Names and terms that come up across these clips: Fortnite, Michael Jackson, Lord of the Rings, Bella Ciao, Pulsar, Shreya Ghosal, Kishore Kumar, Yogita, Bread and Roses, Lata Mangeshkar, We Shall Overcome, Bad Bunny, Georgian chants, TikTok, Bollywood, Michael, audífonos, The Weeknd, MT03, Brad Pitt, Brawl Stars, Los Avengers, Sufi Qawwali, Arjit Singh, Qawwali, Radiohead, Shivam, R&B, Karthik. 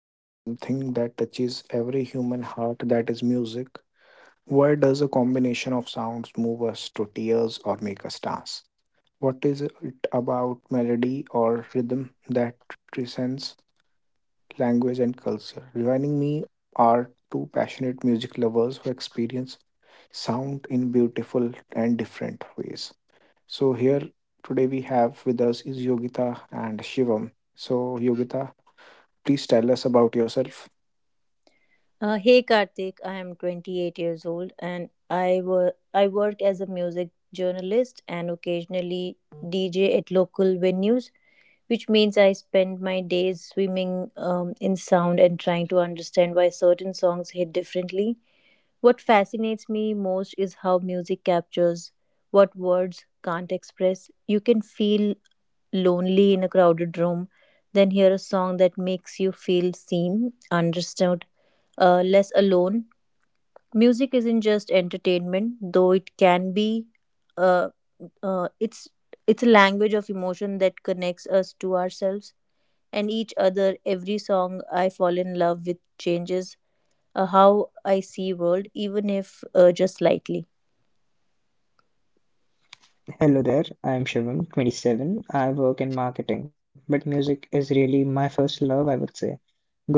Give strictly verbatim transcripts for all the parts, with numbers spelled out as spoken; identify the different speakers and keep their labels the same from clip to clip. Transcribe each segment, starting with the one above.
Speaker 1: into something that touches every human heart that is music. Why does a combination of sounds move us to tears or make us dance? What is it about melody or rhythm that transcends language and culture? Joining me are two passionate music lovers who experience sound in beautiful and different ways. So here today we have with us is Yogita and Shivam. So Yogita, please tell us about yourself.
Speaker 2: Uh, hey Karthik, I am twenty-eight years old and I, wor- I work as a music journalist and occasionally D J at local venues, which means I spend my days swimming um, in sound and trying to understand why certain songs hit differently. What fascinates me most is how music captures what words can't express. You can feel lonely in a crowded room, then hear a song that makes you feel seen, understood, uh, less alone. Music isn't just entertainment, though it can be. Uh, uh, it's it's a language of emotion that connects us to ourselves and each other. Every song I fall in love with changes uh, how I see world, even if uh, just slightly.
Speaker 3: Hello there, I am Shivam, twenty-seven. I work in marketing, but music is really my first love, I would say.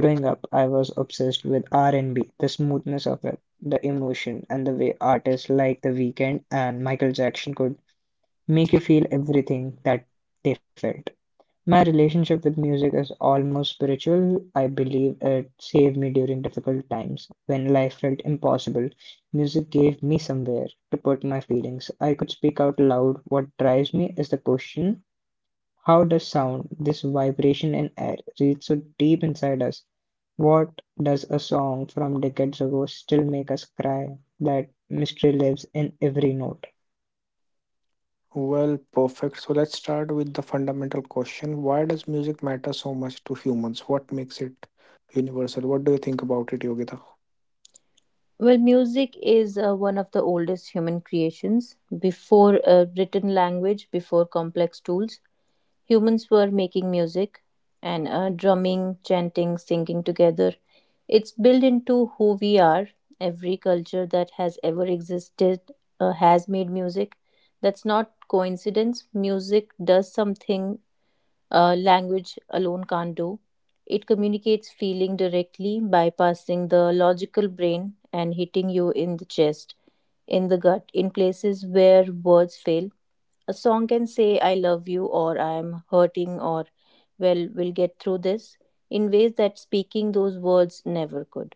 Speaker 3: Growing up, I was obsessed with R and B, the smoothness of it, the emotion, and the way artists like The Weeknd and Michael Jackson could make you feel everything that they felt. My relationship with music is almost spiritual. I believe it saved me during difficult times when life felt impossible. Music gave me somewhere to put my feelings. I could speak out loud. What drives me is the question, how does sound, this vibration in air, reach so deep inside us? What does a song from decades ago still make us cry? That mystery lives in every note.
Speaker 1: Well, perfect. So let's start with the fundamental question. Why does music matter so much to humans? What makes it universal? What do you think about it, Yogita?
Speaker 2: Well, music is uh, one of the oldest human creations. Before uh, written language, before complex tools, humans were making music and uh, drumming, chanting, singing together. It's built into who we are. Every culture that has ever existed uh, has made music. That's not coincidence. Music does something uh, language alone can't do. It communicates feeling directly, bypassing the logical brain and hitting you in the chest, in the gut, in places where words fail. A song can say, I love you, or I am hurting, or well, we'll get through this, in ways that speaking those words never could.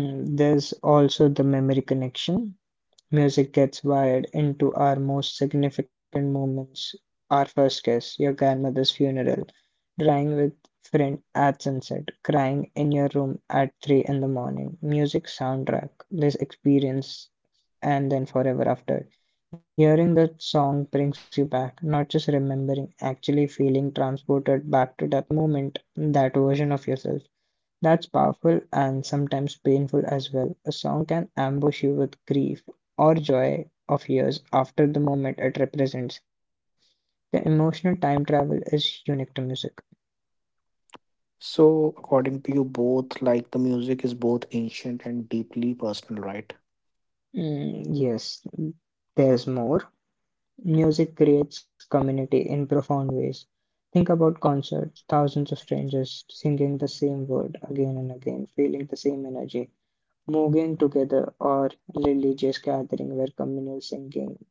Speaker 3: Hmm, there's also the memory connection. Music gets wired into our most significant moments. Our first kiss, your grandmother's funeral, drying with friend at sunset, crying in your room at three in the morning. Music soundtrack, this experience, and then forever after. Hearing that song brings you back, not just remembering, actually feeling transported back to that moment, that version of yourself. That's powerful and sometimes painful as well. A song can ambush you with grief or joy of years after the moment it represents. The emotional time travel is unique to music.
Speaker 1: So according to you both, like the music is both ancient and deeply personal, right?
Speaker 3: Mm, yes, there's more. Music creates community in profound ways. Think about concert, thousands of strangers singing the same word again and again, feeling the same energy, moving together, or religious gathering where communal singing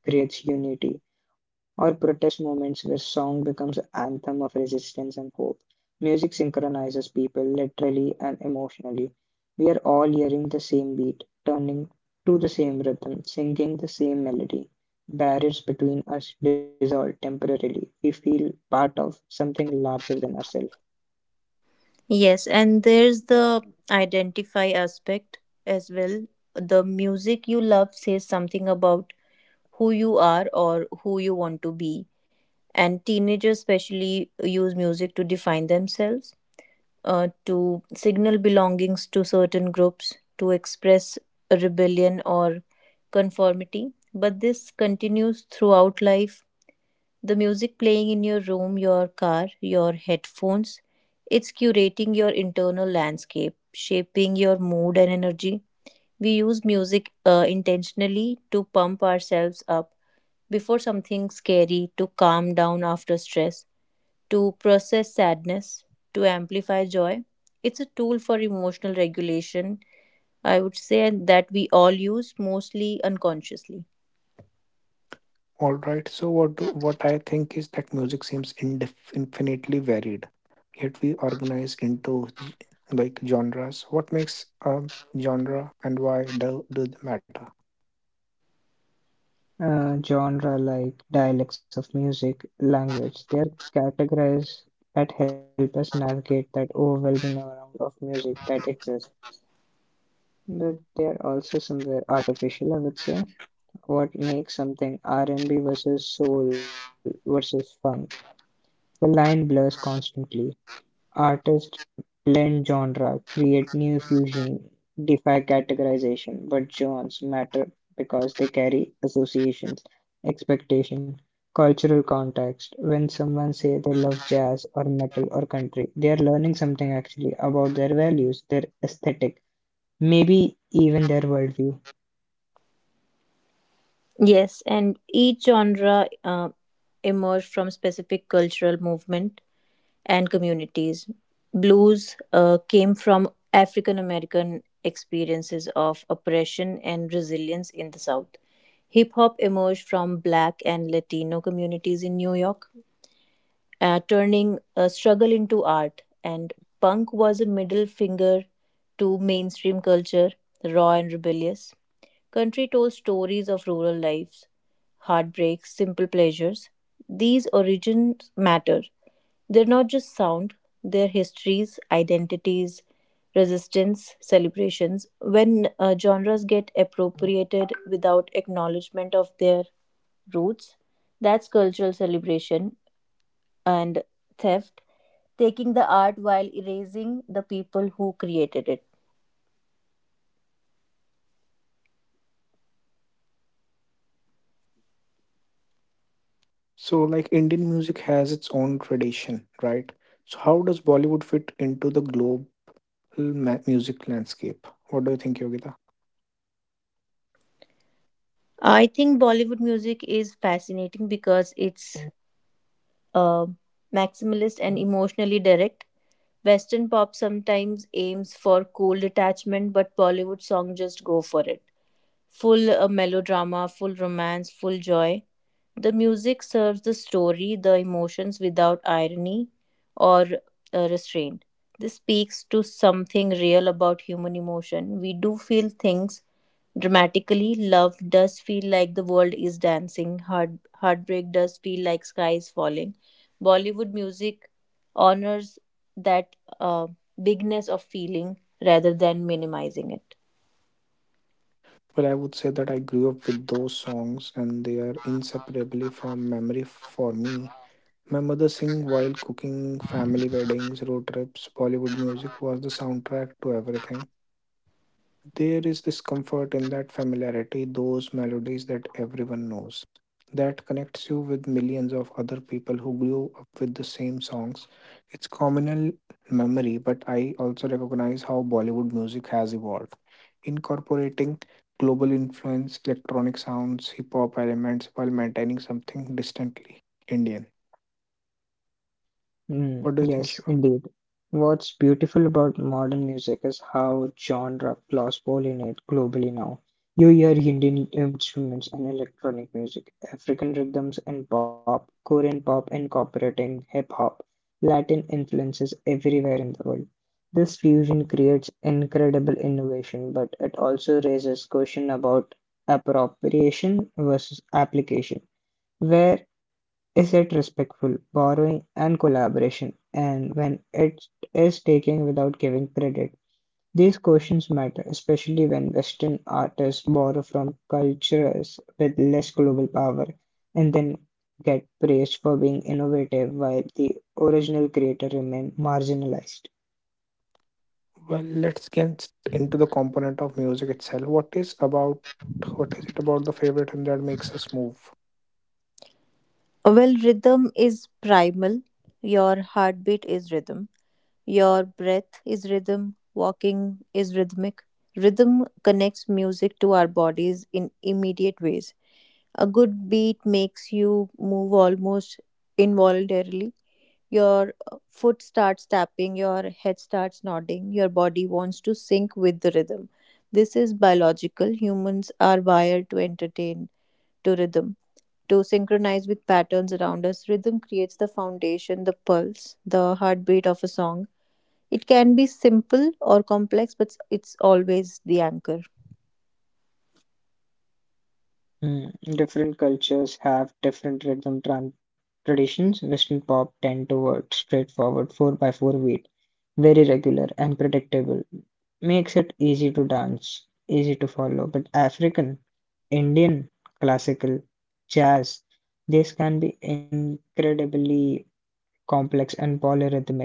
Speaker 3: creates unity, or protest moments where song becomes an anthem of resistance and hope. Music synchronizes people literally and emotionally. We are all hearing the same beat, turning to the same rhythm, singing the same melody. Barriers between us dissolve temporarily. We feel part of something larger than ourselves.
Speaker 2: Yes, and there's the identify aspect as well. The music you love says something about who you are or who you want to be. And teenagers, especially, use music to define themselves, uh, to signal belongings to certain groups, to express rebellion or conformity. But this continues throughout life the music playing in your room, your car, your headphones, it's curating your internal landscape, shaping your mood and energy. We use music uh, intentionally to pump ourselves up before something scary, to calm down after stress, to process sadness, to amplify joy. It's a tool for emotional regulation, I would say, that we all use mostly unconsciously.
Speaker 1: All right. So what do, what I think is that music seems indif infinitely varied, yet we organize into g- like genres. What makes a genre and why do, do they matter?
Speaker 3: uh, Genre, like dialects of music, language, they are categories that help us navigate that overwhelming amount of music that exists. But they are also somewhere artificial, I would say. What makes something R and B versus soul versus funk? The line blurs constantly. Artists blend genre, create new fusions, defy categorization, but genres matter because they carry associations, expectation, cultural context. When someone says they love jazz or metal or country, they are learning something actually about their values, their aesthetic, maybe even their worldview.
Speaker 2: Yes, and each genre uh, emerged from specific cultural movement and communities. Blues uh, came from African American experiences of oppression and resilience in the South. Hip hop emerged from Black and Latino communities in New York uh, turning a struggle into art. And punk was a middle finger to mainstream culture, raw and rebellious. Country told stories of rural lives, heartbreaks, simple pleasures. These origins matter. They're not just sound, they're histories, identities, resistance, celebrations. When uh, genres get appropriated without acknowledgement of their roots, that's cultural celebration and theft, taking the art while erasing the people who created it.
Speaker 1: So like Indian music has its own tradition, right? So how does Bollywood fit into the global ma music landscape? What do you think, Yogita?
Speaker 2: I think Bollywood music is fascinating because it's uh, maximalist and emotionally direct. Western pop sometimes aims for cool detachment, but Bollywood songs just go for it. Full uh, melodrama, full romance, full joy. The music serves the story, the emotions without irony or uh, restraint. This speaks to something real about human emotion. We do feel things dramatically. Love does feel like the world is dancing. Heart, heartbreak does feel like sky is falling. Bollywood music honors that uh, bigness of feeling rather than minimizing it.
Speaker 1: Well, I would say that I grew up with those songs and they are inseparably from memory for me. My mother sing while cooking, family weddings, road trips, Bollywood music was the soundtrack to everything. There is this comfort in that familiarity, those melodies that everyone knows. That connects you with millions of other people who grew up with the same songs. It's communal memory, but I also recognize how Bollywood music has evolved, incorporating global influence, electronic sounds, hip hop elements while maintaining something distantly Indian.
Speaker 3: Mm,
Speaker 1: What do you think,
Speaker 3: yes,
Speaker 1: Shivam?
Speaker 3: indeed. What's beautiful about modern music is how genre plays role in it globally now. You hear Indian instruments and electronic music, African rhythms and pop, Korean pop incorporating hip hop, Latin influences everywhere in the world. This fusion creates incredible innovation, but it also raises question about appropriation versus application. Where is it respectful, borrowing, and collaboration, and when it is taking without giving credit? These questions matter, especially when Western artists borrow from cultures with less global power and then get praised for being innovative while the original creator remains marginalized.
Speaker 1: Well, let's get into the component of music itself. What is about what is it about the favorite hymn that makes us move?
Speaker 2: Well, rhythm is primal. Your heartbeat is rhythm. Your breath is rhythm. Walking is rhythmic. Rhythm connects music to our bodies in immediate ways. A good beat makes you move almost involuntarily. Your uh, foot starts tapping, your head starts nodding, your body wants to sync with the rhythm. This is biological. Humans are wired to entertain to rhythm to synchronize with patterns around us. Rhythm creates the foundation, the pulse, the heartbeat of a song. It can be simple or complex, but it's always the anchor.
Speaker 3: Hmm, different cultures have different rhythm tran- traditions. Western pop tend towards straightforward four by four beat. Very regular and predictable. Makes it easy to dance, easy to follow. But African, Indian, classical, jazz, this can be incredibly complex and polyrhythmic,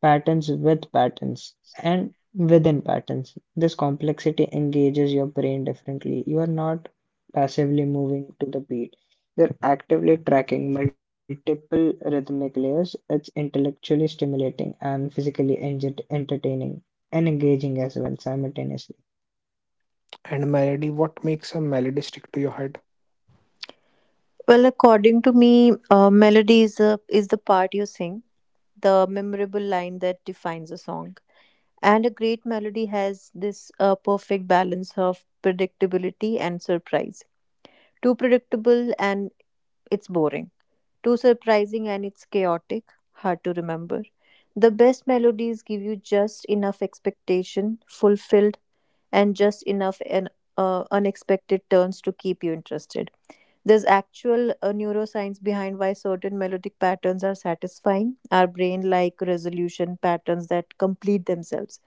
Speaker 3: patterns with patterns and within patterns. This complexity engages your brain differently. You are not passively moving to the beat, you're actively tracking multiple rhythmic layers. It's intellectually stimulating and physically engin- entertaining and engaging as well simultaneously.
Speaker 1: And melody, what makes a melody stick to your head?
Speaker 2: Well, according to me, uh, melody is, a, is the part you sing, the memorable line that defines a song. And a great melody has this uh, perfect balance of predictability and surprise. Too predictable and it's boring. Too surprising and it's chaotic, hard to remember. The best melodies give you just enough expectation fulfilled and just enough an, uh, unexpected turns to keep you interested. There's actual uh, neuroscience behind why certain melodic patterns are satisfying. Our brain like resolution patterns that complete themselves.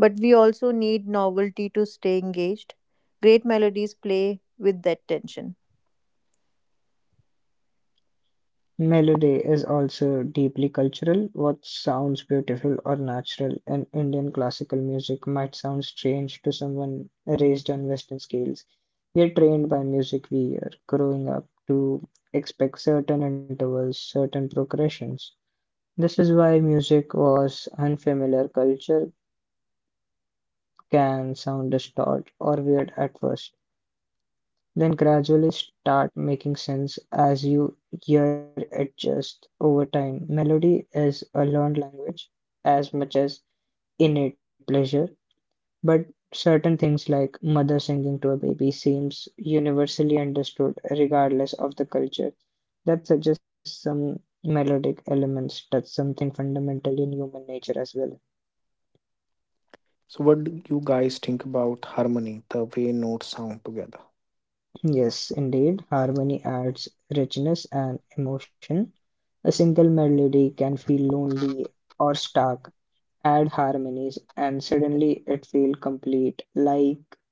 Speaker 2: But we also need novelty to stay engaged. Great melodies play with that tension.
Speaker 3: Melody is also deeply cultural. What sounds beautiful or natural in Indian classical music might sound strange to someone raised on Western scales. We are trained by music we hear growing up to expect certain intervals, certain progressions. This is why music was unfamiliar culture can sound distorted or weird at first. Then gradually start making sense as you hear it just over time. Melody is a learned language as much as innate pleasure, but certain things like mother singing to a baby seems universally understood regardless of the culture. That suggests some melodic elements touch something fundamental in human nature as well.
Speaker 1: So what do you guys think about harmony, the way notes sound together?
Speaker 3: Yes, indeed, harmony adds richness and emotion. A single melody can feel lonely or stark. Add harmonies, and suddenly it feels complete, like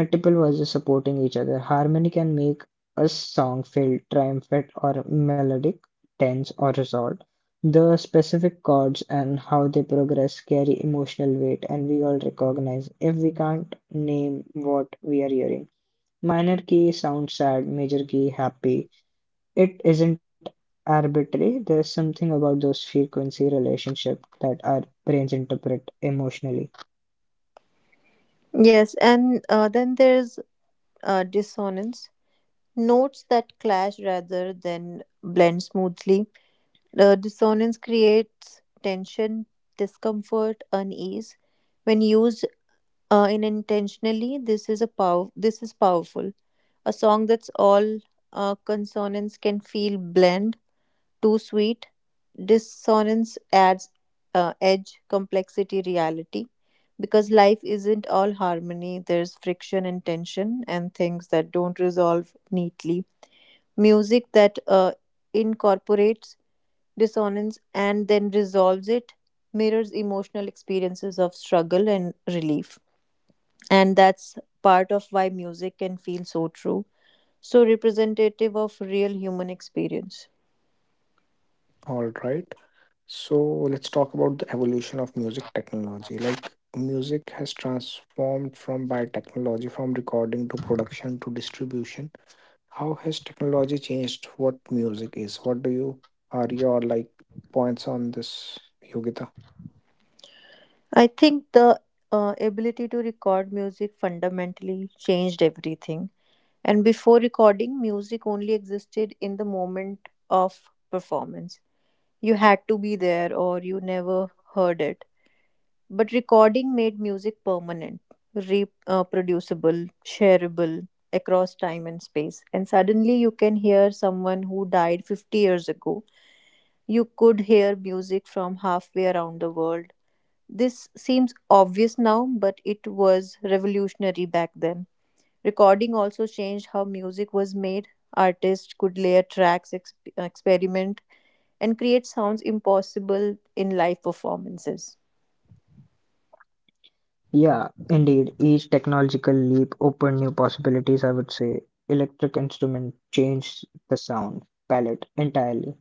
Speaker 3: multiple voices supporting each other. Harmony can make a song feel triumphant or melodic, tense or resolved. The specific chords and how they progress carry emotional weight, and we all recognize if we can't name what we are hearing. Minor key sounds sad, major key happy. It isn't arbitrary. There's something about those frequency relationship that our brains interpret emotionally.
Speaker 2: Yes, and uh, then there's uh, dissonance. Notes that clash rather than blend smoothly. The dissonance creates tension, discomfort, unease. When used uh, unintentionally, this is a pow- this is powerful. A song that's all uh, consonants can feel blend, too sweet. Dissonance adds uh, edge, complexity, reality. Because life isn't all harmony, there's friction and tension, and things that don't resolve neatly music that uh, incorporates dissonance and then resolves it mirrors emotional experiences of struggle and relief, and that's part of why music can feel so true, so representative of real human experience.
Speaker 1: All right. So let's talk about the evolution of music technology. Like music has transformed from by technology from recording to production to distribution. How has technology changed what music is? What do you are your like points on this, Yogita?
Speaker 2: I think the uh, ability to record music fundamentally changed everything, and before recording music only existed in the moment of performance. You had to be there or you never heard it. But recording made music permanent, reproducible, shareable across time and space. And suddenly you can hear someone who died fifty years ago. You could hear music from halfway around the world. This seems obvious now, but it was revolutionary back then. Recording also changed how music was made. Artists could layer tracks, exp- experiment, and create sounds impossible in live performances.
Speaker 3: Yeah, indeed. Each technological leap opened new possibilities, I would say. Electric instrument changed the sound palette entirely.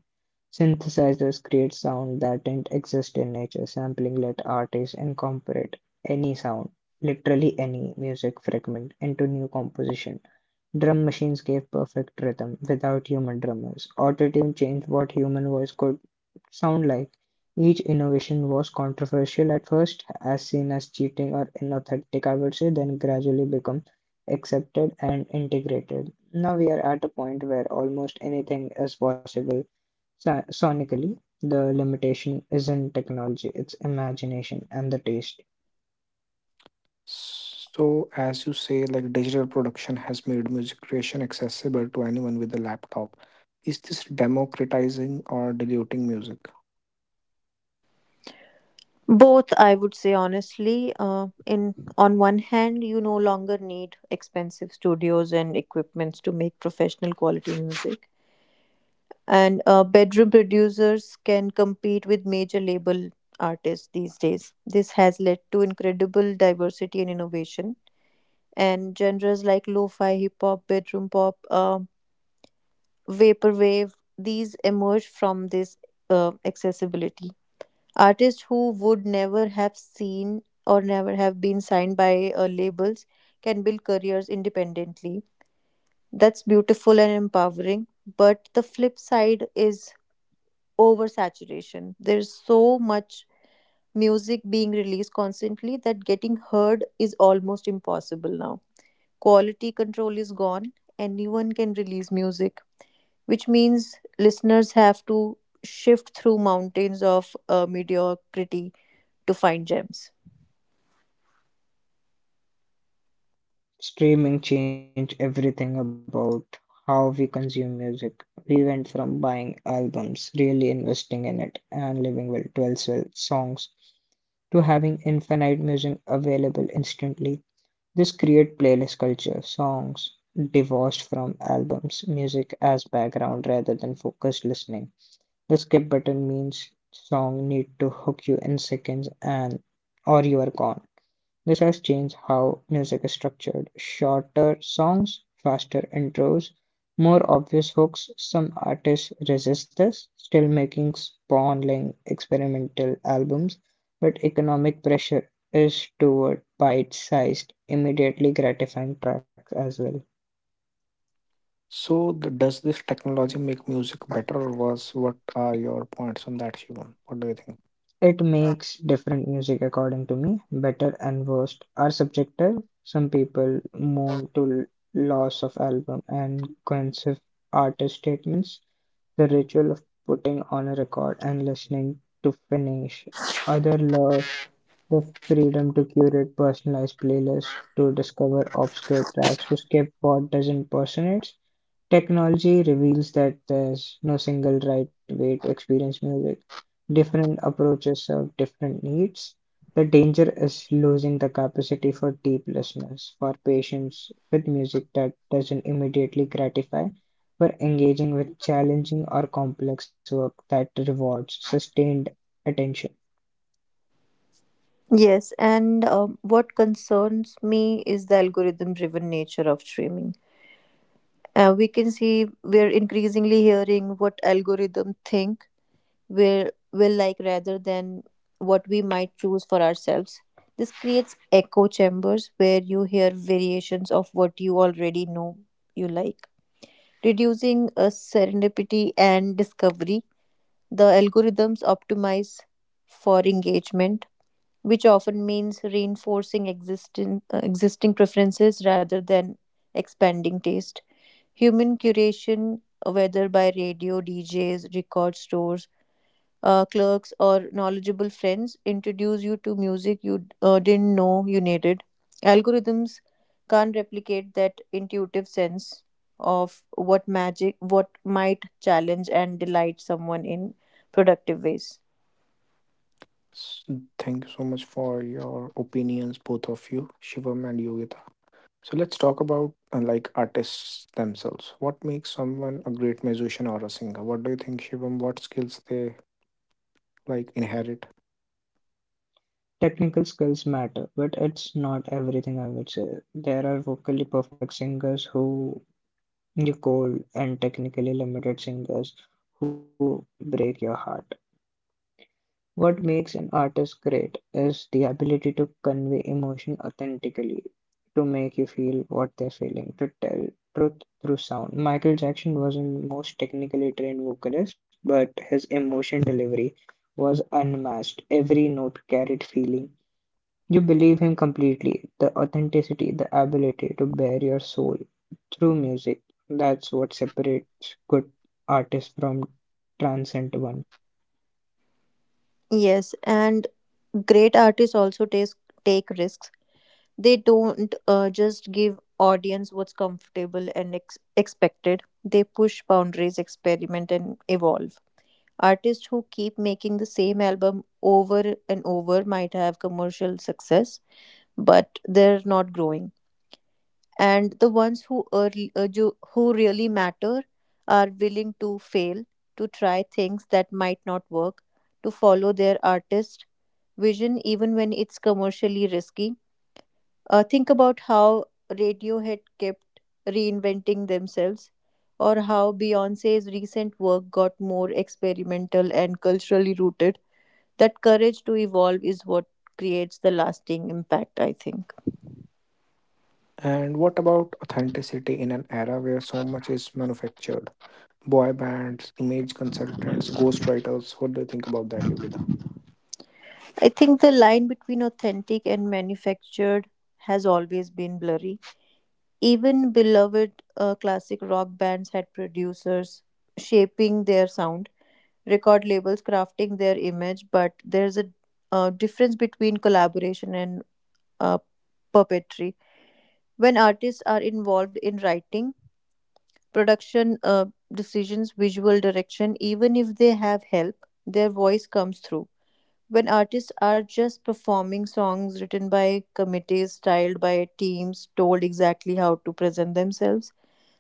Speaker 3: Synthesizers create sound that didn't exist in nature. Sampling let artists incorporate any sound, literally any music fragment, into new composition. Drum machines gave perfect rhythm, without human drummers. Auto changed what human voice could sound like. Each innovation was controversial at first, as seen as cheating or inauthentic, I would say, then gradually become accepted and integrated. Now we are at a point where almost anything is possible so- sonically. The limitation isn't technology, it's imagination and the taste.
Speaker 1: So, as you say, like digital production has made music creation accessible to anyone with a laptop. Is this democratizing or diluting music?
Speaker 2: Both, I would say honestly. Uh, in on one hand, you no longer need expensive studios and equipments to make professional quality music, and uh, bedroom producers can compete with major label artists these days. This has led to incredible diversity and innovation, and genres like lo-fi, hip hop, bedroom pop, uh, vaporwave. These emerge from this uh, accessibility. Artists who would never have seen or never have been signed by uh, labels can build careers independently. That's beautiful and empowering. But the flip side is oversaturation. There's so much music being released constantly that getting heard is almost impossible now. Quality control is gone. Anyone can release music, which means listeners have to shift through mountains of uh, mediocrity to find gems.
Speaker 3: Streaming changed everything about how we consume music. We went from buying albums, really investing in it, and living well, twelve well songs, to having infinite music available instantly. This created playlist culture, songs divorced from albums, music as background rather than focused listening. The skip button means song need to hook you in seconds and or you are gone. This has changed how music is structured: shorter songs, faster intros, more obvious hooks. Some artists resist this, still making sprawling experimental albums, but economic pressure is toward bite-sized, immediately gratifying tracks as well.
Speaker 1: So, th- does this technology make music better or worse? What are your points on that, Shivam? What do you think?
Speaker 3: It makes different music, according to me, better and worst are subjective. Some people mourn to l- loss of album and cohesive artist statements. The ritual of putting on a record and listening to finish. Other love the freedom to curate personalized playlists, to discover obscure tracks, to skip what doesn't personate. Technology reveals that there's no single right way to experience music. Different approaches serve different needs. The danger is losing the capacity for deep listeners, for patience with music that doesn't immediately gratify, for engaging with challenging or complex work that rewards sustained attention.
Speaker 2: Yes, and uh, what concerns me is the algorithm driven nature of streaming. Uh, we can see we're increasingly hearing what algorithm think we will like rather than what we might choose for ourselves. This creates echo chambers where you hear variations of what you already know you like, reducing a serendipity and discovery. The algorithms optimize for engagement, which often means reinforcing existing, uh, existing preferences rather than expanding taste. Human curation, whether by radio, D Js, record stores, uh, clerks, or knowledgeable friends, introduce you to music you uh, didn't know you needed. Algorithms can't replicate that intuitive sense of what magic, what might challenge and delight someone in productive ways.
Speaker 1: S- Thank you so much for your opinions, both of you, Shivam and Yogita. So, let's talk about uh, like artists themselves. What makes someone a great musician or a singer? What do you think, Shivam? What skills they like inherit?
Speaker 3: Technical skills matter, but it's not everything, I would say. There are vocally perfect singers who you cold and technically limited singers who break your heart. What makes an artist great is the ability to convey emotion authentically, to make you feel what they're feeling, to tell truth through sound. Michael Jackson wasn't most technically trained vocalist, but his emotion delivery was unmatched. Every note carried feeling. You believe him completely. The authenticity, the ability to bear your soul through music, that's what separates good artists from transient ones.
Speaker 2: Yes, and great artists also take take risks. They don't uh, just give audience what's comfortable and ex- expected. They push boundaries, experiment, and evolve. Artists who keep making the same album over and over might have commercial success, but they're not growing. And the ones who early, uh, ju- who really matter are willing to fail, to try things that might not work, to follow their artist vision even when it's commercially risky. Uh, think about how Radiohead kept reinventing themselves, or how Beyonce's recent work got more experimental and culturally rooted. That courage to evolve is what creates the lasting impact, I think.
Speaker 1: And what about authenticity in an era where so much is manufactured? Boy bands, image consultants, ghostwriters. What do you think about that, Yogita?
Speaker 2: I think the line between authentic and manufactured has always been blurry. Even beloved uh, classic rock bands had producers shaping their sound, record labels crafting their image, but there's a uh, difference between collaboration and uh, puppetry. When artists are involved in writing, production uh, decisions, visual direction, even if they have help, their voice comes through. When artists are just performing songs written by committees, styled by teams, told exactly how to present themselves,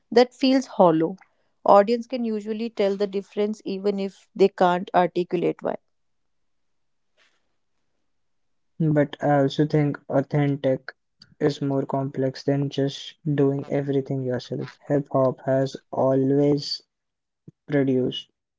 Speaker 2: that feels hollow. Audience can usually tell the difference even if they can't articulate why.
Speaker 3: But I also think authentic is more complex than just doing everything yourself. Hip hop has always produced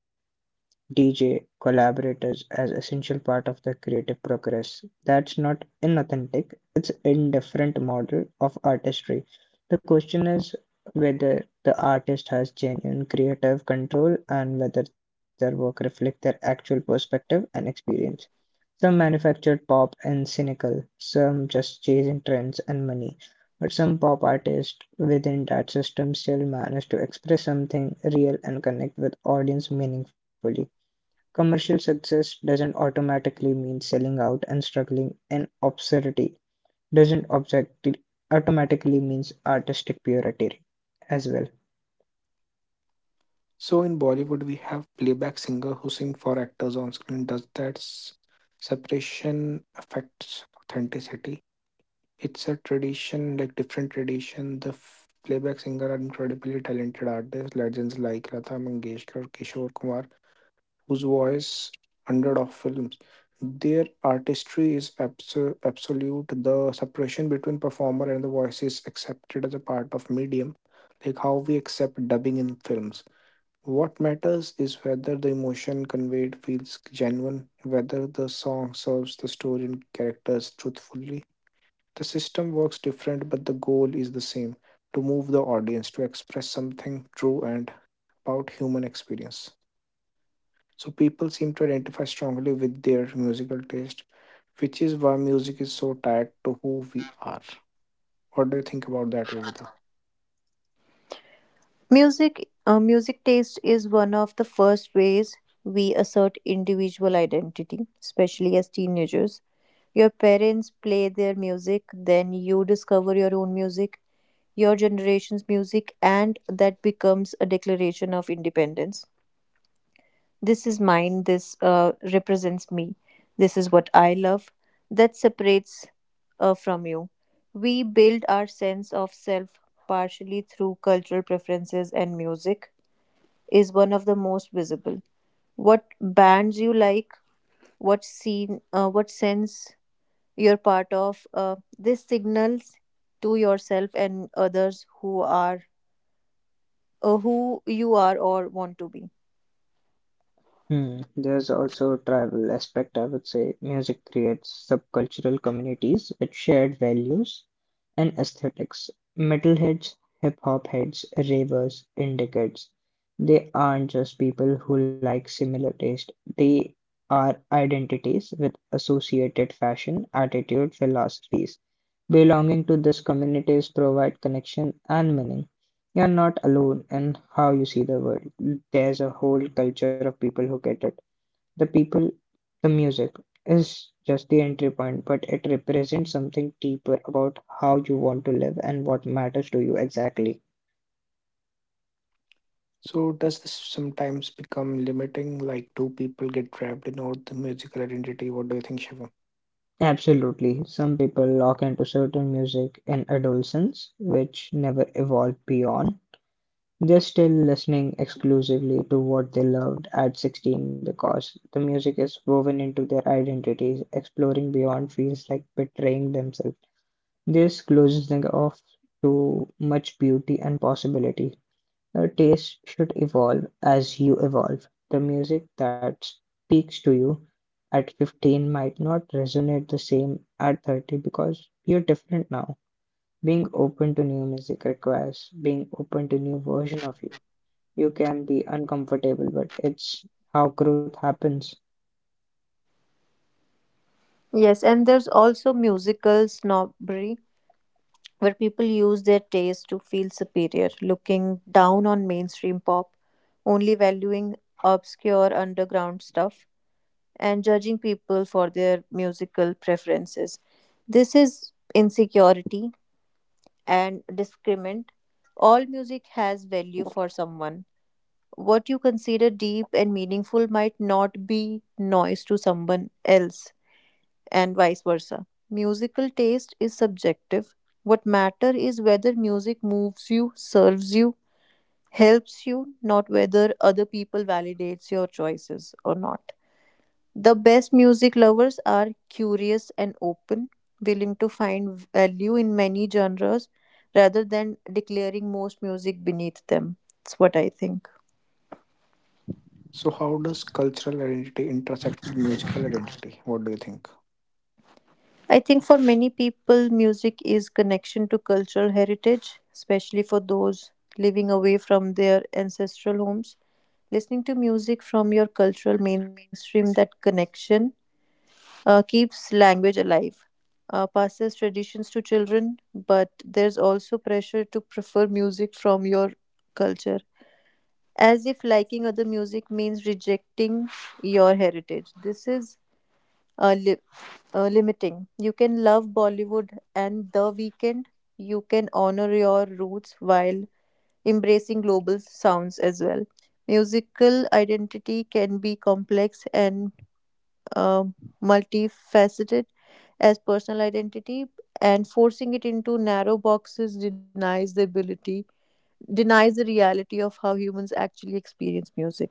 Speaker 3: D J collaborators as essential part of the creative progress. That's not inauthentic, it's indifferent model of artistry. The question is whether the artist has genuine creative control and whether their work reflects their actual perspective and experience. Some manufactured pop and cynical, some just chasing trends and money, but some pop artists within that system still manage to express something real and connect with audience meaningfully. Commercial success doesn't automatically mean selling out and struggling and obscenity doesn't objecti- automatically means artistic purity as well.
Speaker 1: So in Bollywood, we have playback singer who sing for actors on screen. Does that s- separation affects authenticity? It's a tradition, like different tradition. The f- playback singer are incredibly talented artists, legends like Lata Mangeshkar, Kishore Kumar, whose voice hundred of films. Their artistry is abso- absolute. The separation between performer and the voice is accepted as a part of medium, like how we accept dubbing in films. What matters is whether the emotion conveyed feels genuine, whether the song serves the story and characters truthfully. The system works different, but the goal is the same to move the audience to express something true and about human experience. So, people seem to identify strongly with their musical taste, which is why music is so tied to who we are. What do you think about that, Yogita?
Speaker 2: Music uh, music taste is one of the first ways we assert individual identity, especially as teenagers. Your parents play their music, then you discover your own music, your generation's music, and that becomes a declaration of independence. This is mine, this uh, represents me, this is what I love, that separates uh, from you. We build our sense of self partially through cultural preferences, and music is one of the most visible. What bands you like, what scene, uh, what sense you're part of, uh, this signals to yourself and others who are uh, who you are or want to be.
Speaker 3: Hmm. There's also tribal aspect, I would say. Music creates subcultural communities with shared values and aesthetics. Metalheads, hip hop heads, ravers, indicates they aren't just people who like similar taste, they are identities with associated fashion, attitude, philosophies. Belonging to these communities provide connection and meaning. You're not alone in how you see the world. There's a whole culture of people who get it. The people, the music is just the entry point, but it represents something deeper about how you want to live and what matters to you exactly.
Speaker 1: So does this sometimes become limiting? Like, do people get trapped in all the musical identity? What do you think, Shivam?
Speaker 3: Absolutely. Some people lock into certain music in adolescence, which never evolved beyond. They're still listening exclusively to what they loved at sixteen because the music is woven into their identities. Exploring beyond feels like betraying themselves. This closes them off to much beauty and possibility. Your taste should evolve as you evolve. The music that speaks to you at fifteen might not resonate the same at thirty because you're different now. Being open to new music requires being open to new version of you. You can be uncomfortable, but it's how growth happens.
Speaker 2: Yes, and there's also musical snobbery where people use their taste to feel superior, looking down on mainstream pop, only valuing obscure underground stuff, and judging people for their musical preferences. This is insecurity and discriminant. All music has value for someone. What you consider deep and meaningful might not be noise to someone else and vice versa. Musical taste is subjective. What matters is whether music moves you, serves you, helps you, not whether other people validates your choices or not. The best music lovers are curious and open, willing to find value in many genres rather than declaring most music beneath them. That's what I think.
Speaker 1: So how does cultural identity intersect with musical identity? What do you think?
Speaker 2: I think for many people, music is connection to cultural heritage, especially for those living away from their ancestral homes. Listening to music from your cultural mainstream, that connection uh, keeps language alive, uh, passes traditions to children, but there's also pressure to prefer music from your culture, as if liking other music means rejecting your heritage. This is uh, li- uh, limiting. You can love Bollywood and The Weekend. You can honor your roots while embracing global sounds as well. Musical identity can be complex and uh multifaceted as personal identity, and forcing it into narrow boxes denies the ability, denies the reality of how humans actually experience music.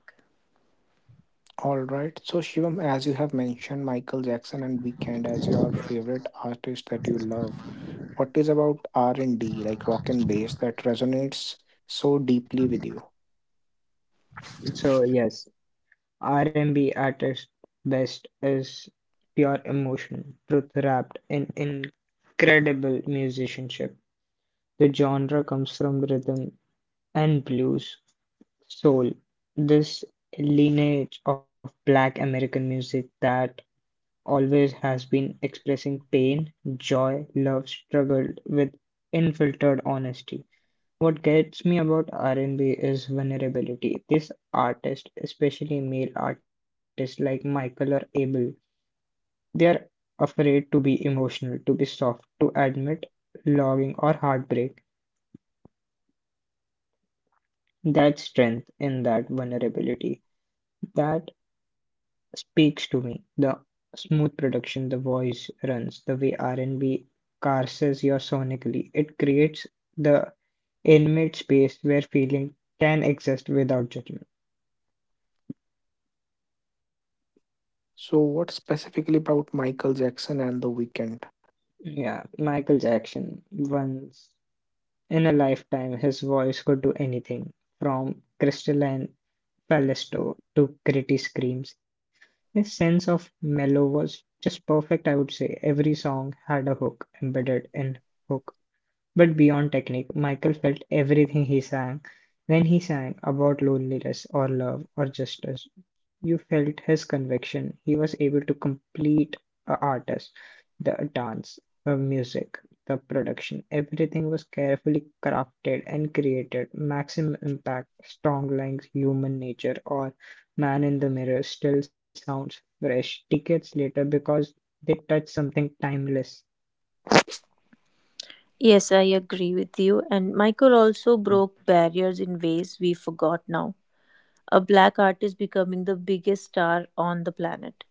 Speaker 1: All right. So Shivam, as you have mentioned Michael Jackson and Weekend as your favorite artist that you love, what is about R and D, like rock and bass, that resonates so deeply with you?
Speaker 3: So yes, R and B at its best is pure emotion, truth wrapped in incredible musicianship. The genre comes from rhythm and blues, soul, this lineage of Black American music that always has been expressing pain, joy, love, struggle with unfiltered honesty. What gets me about R and B is vulnerability. This artist, especially male artists like Michael or Abel, they are afraid to be emotional, to be soft, to admit longing or heartbreak. That strength in that vulnerability, that speaks to me. The smooth production, the voice runs, the way R and B carses you sonically, it creates the intimate space where feeling can exist without judgment.
Speaker 1: So what specifically about Michael Jackson and The Weekend?
Speaker 3: Yeah, Michael Jackson, once in a lifetime, his voice could do anything from crystalline Palaisto to gritty screams. His sense of mellow was just perfect, I would say. Every song had a hook embedded in hook. But beyond technique, Michael felt everything he sang. When he sang about loneliness or love or justice, you felt his conviction. He was able to complete a artist, the dance, the music, the production. Everything was carefully crafted and created. Maximum impact, strong lines, human nature, or man in the mirror still sounds fresh decades later because they touch something timeless.
Speaker 2: Yes, I agree with you. And Michael also broke barriers in ways we forgot now. A black artist becoming the biggest star on the planet,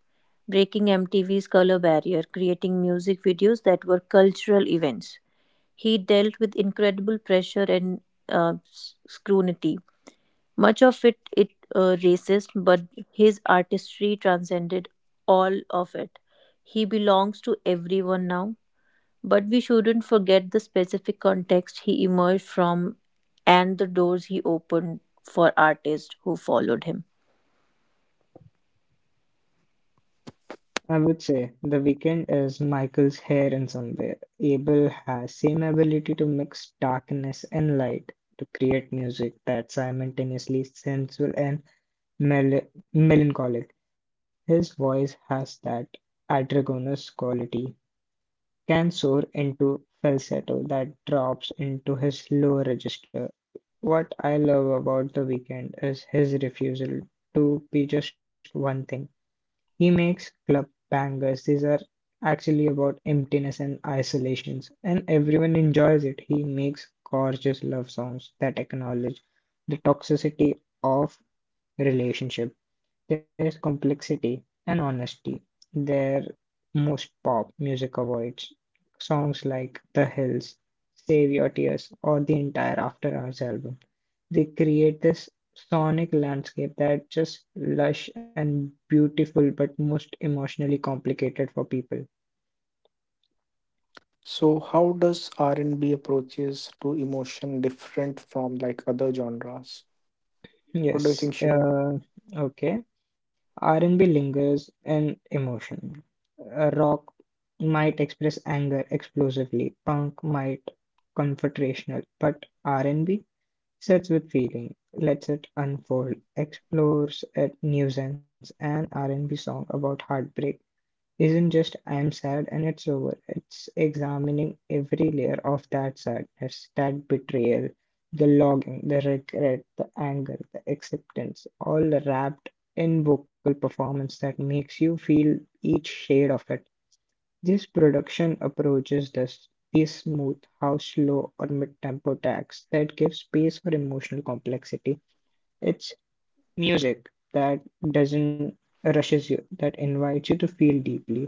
Speaker 2: breaking M T V's color barrier, creating music videos that were cultural events. He dealt with incredible pressure and uh, s- scrutiny. Much of it, it uh, racist, but his artistry transcended all of it. He belongs to everyone now, but we shouldn't forget the specific context he emerged from and the doors he opened for artists who followed him.
Speaker 3: I would say The Weeknd is Michael's hair in some way. Abel has same ability to mix darkness and light to create music that's simultaneously sensual and mel- melancholic. His voice has that androgynous quality, can soar into falsetto that drops into his lower register. What I love about The Weeknd is his refusal to be just one thing. He makes club bangers, these are actually about emptiness and isolation, and everyone enjoys it. He makes gorgeous love songs that acknowledge the toxicity of relationship. There's complexity and honesty. There most pop music avoids songs like The Hills, Save Your Tears, or the entire After Hours album. They create this sonic landscape that's just lush and beautiful, but most emotionally complicated for people.
Speaker 1: So how does R and B approaches to emotion different from like other genres? What do you think,
Speaker 3: Yes.
Speaker 1: Shivam?
Speaker 3: Uh, okay. R and B lingers in emotion. Uh, rock might express anger explosively. Punk might confrontational, but R and B sits with feeling, lets it unfold, explores a nuisance, and R and B song about heartbreak isn't just "I'm sad and it's over," it's examining every layer of that sadness, that betrayal, the longing, the regret, the anger, the acceptance, all wrapped in vocal performance that makes you feel each shade of it. This production approaches this, these smooth, how slow or mid-tempo tracks that give space for emotional complexity. It's music that doesn't rushes you, that invites you to feel deeply.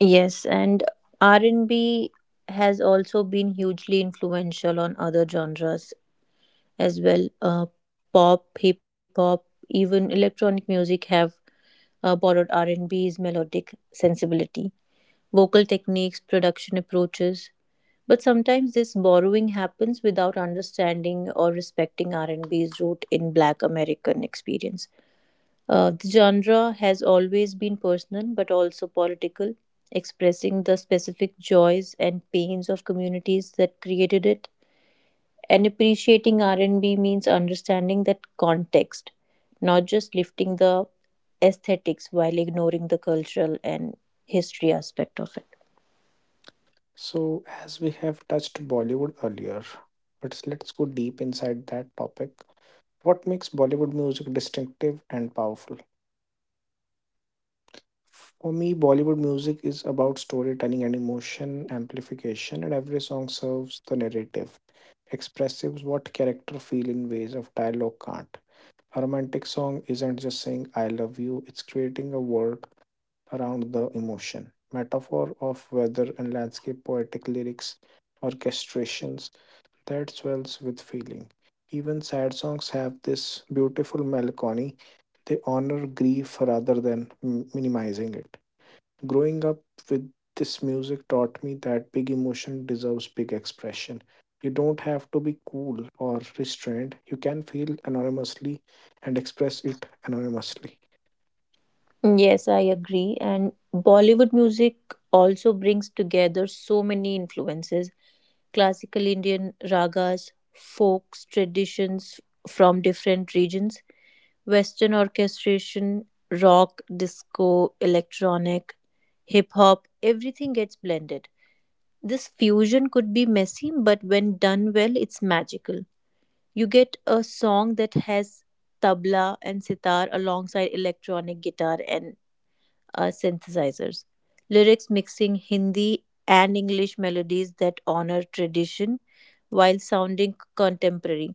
Speaker 2: Yes, and R and B has also been hugely influential on other genres as well. Uh, pop, hip hop, even electronic music have uh, borrowed R and B's melodic sensibility. Vocal techniques, production approaches, but sometimes this borrowing happens without understanding or respecting R and B's root in Black American experience. Uh, the genre has always been personal but also political, expressing the specific joys and pains of communities that created it. And appreciating R and B means understanding that context, not just lifting the aesthetics while ignoring the cultural and history aspect of it.
Speaker 1: So as we have touched Bollywood earlier, but let's go deep inside that topic. What makes Bollywood music distinctive and powerful? For me, Bollywood music is about storytelling and emotion amplification, and every song serves the narrative, expresses what character feel in ways of dialogue can't. A romantic song isn't just saying I love you, it's creating a world around the emotion. Metaphor of weather and landscape, poetic lyrics, orchestrations that swells with feeling. Even sad songs have this beautiful melancholy. They honor grief rather than m- minimizing it. Growing up with this music taught me that big emotion deserves big expression. You don't have to be cool or restrained. You can feel anonymously and express it anonymously.
Speaker 2: Yes, I agree. And Bollywood music also brings together so many influences: classical Indian ragas, folks, traditions from different regions, Western orchestration, rock, disco, electronic, hip hop, everything gets blended. This fusion could be messy, but when done well, it's magical. You get a song that has tabla and sitar alongside electronic guitar and uh, synthesizers. Lyrics mixing Hindi and English melodies that honor tradition while sounding contemporary.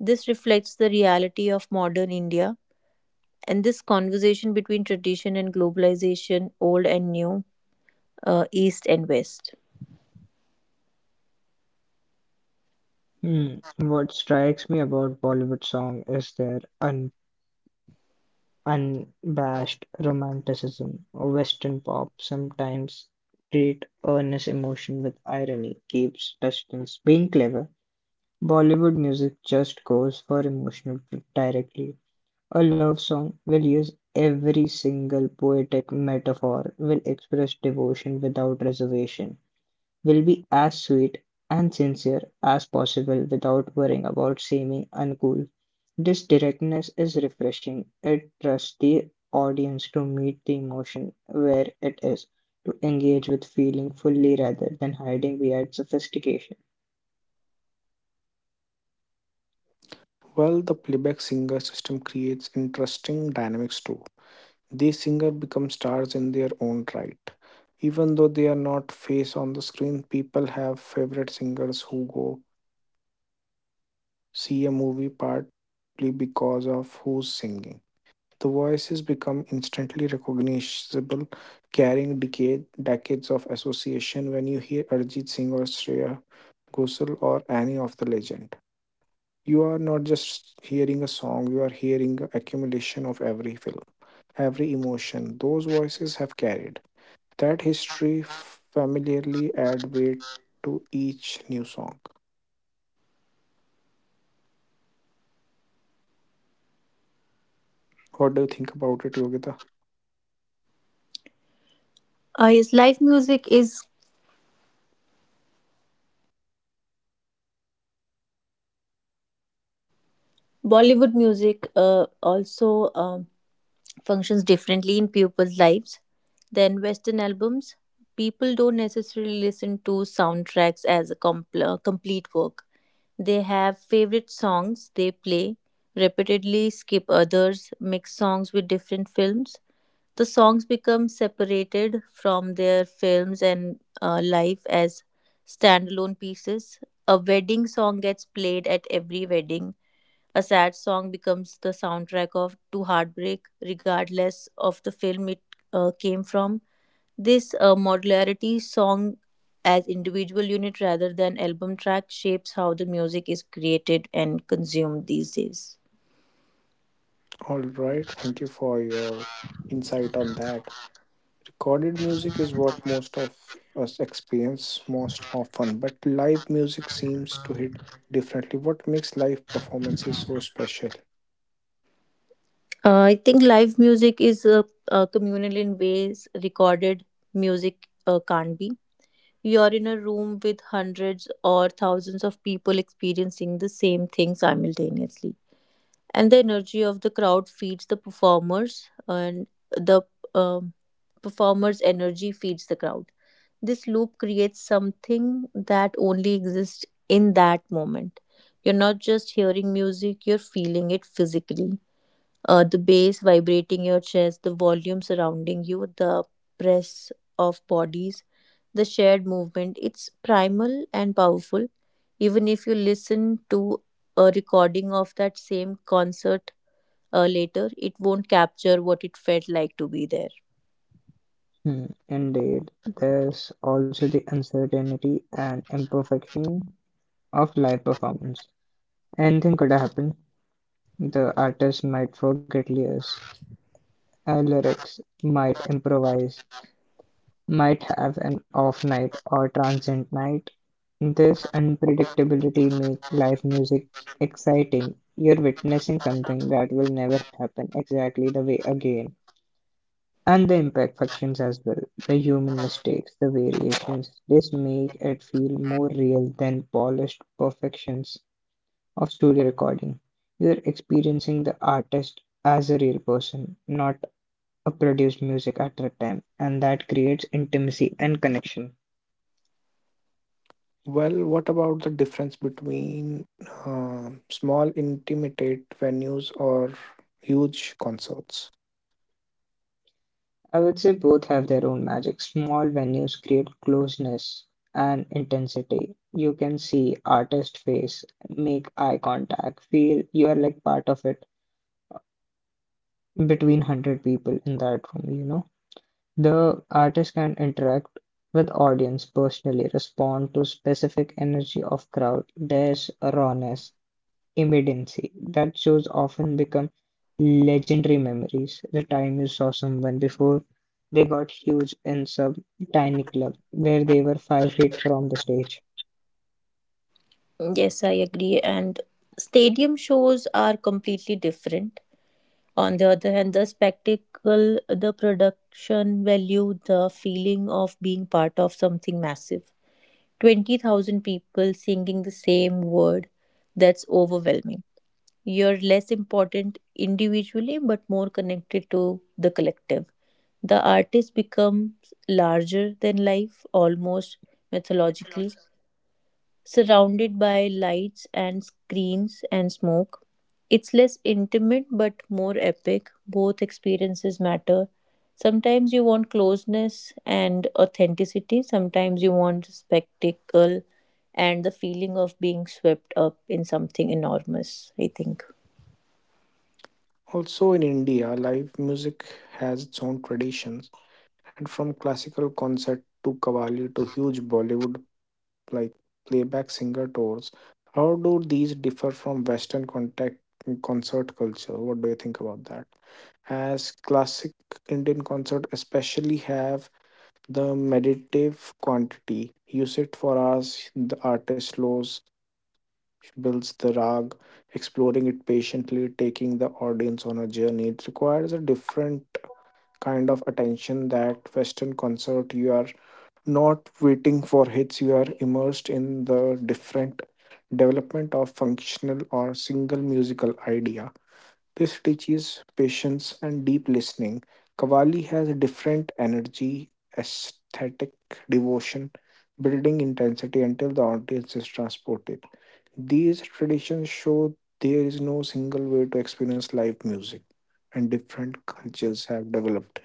Speaker 2: This reflects the reality of modern India and this conversation between tradition and globalization, old and new, uh, east and west.
Speaker 3: Hmm. What strikes me about Bollywood song is their un- unabashed romanticism. Western pop sometimes treat earnest emotion with irony, keeps distance, being clever. Bollywood music just goes for emotional truth directly. A love song will use every single poetic metaphor, will express devotion without reservation, will be as sweet and sincere as possible without worrying about seeming uncool. This directness is refreshing. It trusts the audience to meet the emotion where it is, to engage with feeling fully rather than hiding behind sophistication.
Speaker 1: Well, the playback singer system creates interesting dynamics too. These singers become stars in their own right. Even though they are not face on the screen, people have favorite singers who go see a movie partly because of who's singing. The voices become instantly recognizable, carrying decade, decades of association. When you hear Arjit Singh or Shreya Ghosal or any of the legend, you are not just hearing a song, you are hearing a accumulation of every film, every emotion those voices have carried. That history familiarly add weight to each new song. What do you think about it, Yogita?
Speaker 2: Uh, yes, live music is Bollywood music. Uh, also, um functions differently in people's lives than Western albums. People don't necessarily listen to soundtracks as a compl- uh, complete work. They have favorite songs they play, repeatedly skip others, mix songs with different films. The songs become separated from their films and uh, life as standalone pieces. A wedding song gets played at every wedding, a sad song becomes the soundtrack of to heartbreak, regardless of the film it uh, came from. This uh, modularity song as individual unit rather than album track shapes how the music is created and consumed these days.
Speaker 1: All right, thank you for your insight on that. Recorded music is what most of us experience most often, but live music seems to hit differently. What makes live performances so special?
Speaker 2: Uh, I think live music is uh, uh, communal in ways recorded music uh, can't be. You're in a room with hundreds or thousands of people experiencing the same thing simultaneously, and the energy of the crowd feeds the performers, and the um performers energy feeds the crowd. This loop creates something that only exists in that moment. You're not just hearing music, you're feeling it physically. Uh, the bass vibrating your chest, the volume surrounding you, the press of bodies, the shared movement, it's primal and powerful. Even if you listen to a recording of that same concert uh, later, it won't capture what it felt like to be there.
Speaker 3: Hmm, indeed, there's also the uncertainty and imperfection of live performance. Anything could happen. The artist might forget lyrics, uh, lyrics might improvise, might have an off night or transient night. This unpredictability makes live music exciting. You're witnessing something that will never happen exactly the way again. And the imperfections as well, the human mistakes, the variations. This make it feel more real than polished perfections of studio recording. You're experiencing the artist as a real person, not a produced music at a time, and that creates intimacy and connection.
Speaker 1: Well, what about the difference between uh, small, intimate venues or huge concerts?
Speaker 3: I would say both have their own magic. Small venues create closeness and intensity. You can see artist face, make eye contact, feel you are like part of it between one hundred people in that room, you know. The artist can interact with audience personally, respond to specific energy of crowd. There's rawness, immediacy that shows often become legendary memories. The time you saw someone before they got huge in some tiny club where they were five feet from the stage.
Speaker 2: Yes, I agree. And stadium shows are completely different. On the other hand, the spectacle, the production value, the feeling of being part of something massive. twenty thousand people singing the same word, that's overwhelming. You're less important individually, but more connected to the collective. The artist becomes larger than life, almost mythologically, surrounded by lights and screens and smoke. It's less intimate but more epic. Both experiences matter. Sometimes you want closeness and authenticity, sometimes you want spectacle and the feeling of being swept up in something enormous, I think.
Speaker 1: Also, in India, live music has its own traditions, and from classical concert to Qawwali to huge Bollywood like playback singer tours. How do these differ from Western contact concert culture? What do you think about that? As classic Indian concert especially have the meditative quantity. You sit for hours, the artist slows, builds the rag, exploring it patiently, taking the audience on a journey. It requires a different kind of attention that Western concert you are not waiting for hits, you are immersed in the different development of functional or single musical idea. This teaches patience and deep listening. Kavali has a different energy, aesthetic devotion, building intensity until the audience is transported. These traditions show there is no single way to experience live music, and different cultures have developed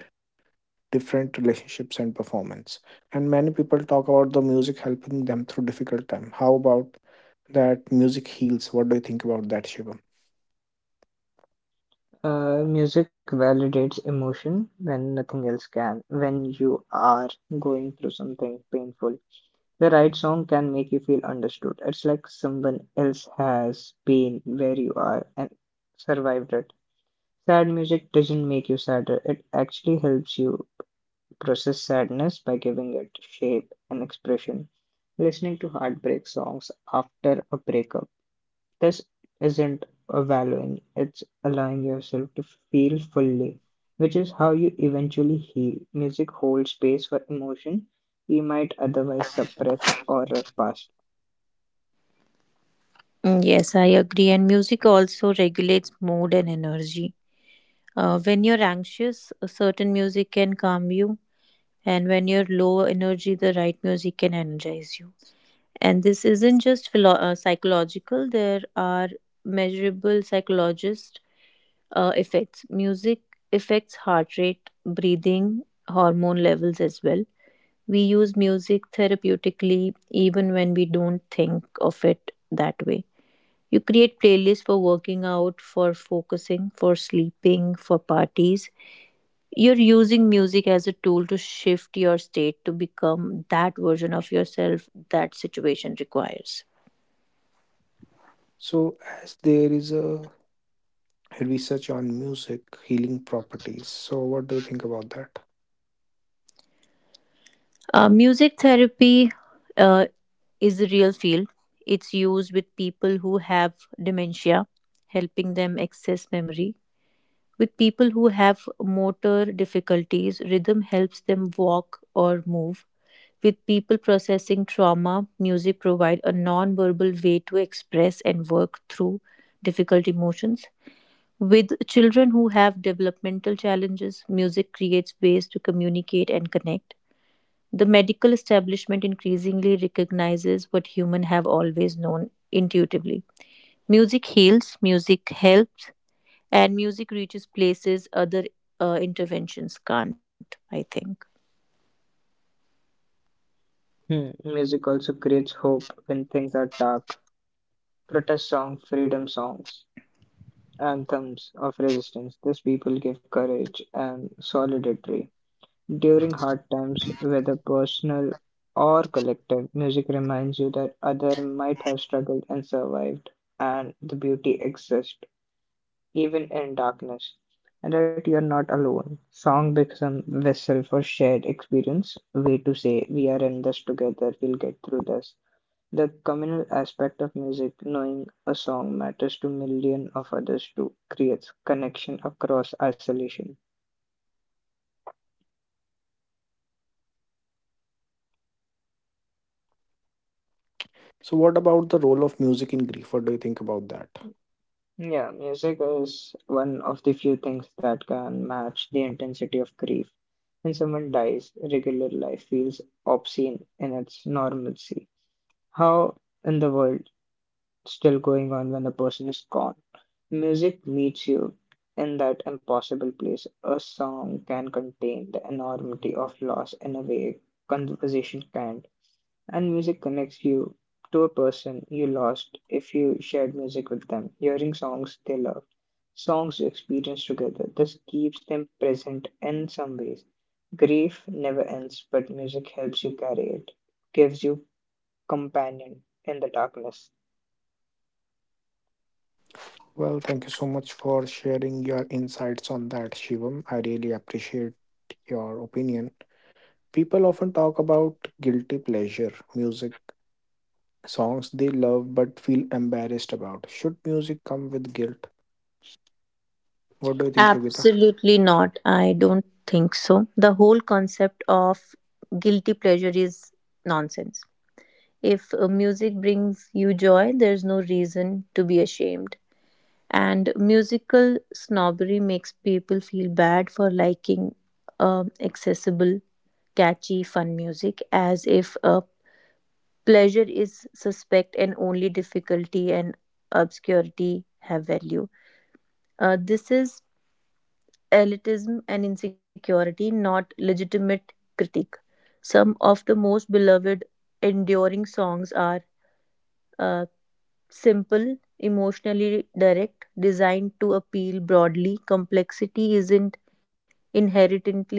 Speaker 1: different relationships and performance. And many people talk about the music helping them through difficult time. How about that music heals? What do you think about that, Shivam?
Speaker 3: Uh, music validates emotion when nothing else can. When you are going through something painful, the right song can make you feel understood. It's like someone else has been where you are and survived it. Sad music doesn't make you sadder, it actually helps you process sadness by giving it shape and expression. Listening to heartbreak songs after a breakup. This isn't a valuing, it's allowing yourself to feel fully, which is how you eventually heal. Music holds space for emotion you might otherwise suppress or rush past.
Speaker 2: Mm, yes, I agree. And music also regulates mood and energy. Uh, when you're anxious, a certain music can calm you. And when you're low energy, the right music can energize you. And this isn't just philo- uh, psychological, there are measurable psychologist uh, effects. Music affects heart rate, breathing, hormone levels as well. We use music therapeutically even when we don't think of it that way. You create playlists for working out, for focusing, for sleeping, for parties. You're using music as a tool to shift your state to become that version of yourself that situation requires.
Speaker 1: So, as there is a research on music healing properties, so what do you think about that?
Speaker 2: Uh, music therapy uh, is a real field. It's used with people who have dementia, helping them access memory. With people who have motor difficulties, rhythm helps them walk or move. With people processing trauma, music provides a non-verbal way to express and work through difficult emotions. With children who have developmental challenges, music creates ways to communicate and connect. The medical establishment increasingly recognizes what humans have always known intuitively. Music heals, music helps, and music reaches places other uh, interventions can't, I think.
Speaker 3: Hmm. Music also creates hope when things are dark. Protest songs, freedom songs, anthems of resistance. These people give courage and solidarity during hard times, whether personal or collective. Music reminds you that other might have struggled and survived, and the beauty exists even in darkness, and that you're not alone. Song become vessel for shared experience, way to say we are in this together, we'll get through this. The communal aspect of music, knowing a song matters to million of others too, creates connection across isolation.
Speaker 1: So, what about the role of music in grief? What do you think about that?
Speaker 3: Yeah, music is one of the few things that can match the intensity of grief. When someone dies, regular life feels obscene in its normalcy. How in the world still going on when a person is gone? Music meets you in that impossible place. A song can contain the enormity of loss in a way conversation can't. And music connects you to a person you lost. If you shared music with them, hearing songs they loved, songs you experienced together, this keeps them present in some ways. Grief never ends, but music helps you carry it, gives you companion in the darkness.
Speaker 1: Well, thank you so much for sharing your insights on that, Shivam. I really appreciate your opinion. People often talk about guilty pleasure music songs they love but feel embarrassed about. Should music come with guilt? What do you think, Yogita?
Speaker 2: Absolutely not. I don't think so. The whole concept of guilty pleasure is nonsense. If uh, music brings you joy, there's no reason to be ashamed. And musical snobbery makes people feel bad for liking um accessible, catchy, fun music, as if uh, pleasure is suspect and only difficulty and obscurity have value. Uh, this is elitism and insecurity, not legitimate critique. Some of the most beloved, enduring songs are uh, simple, emotionally direct, designed to appeal broadly. Complexity isn't inherently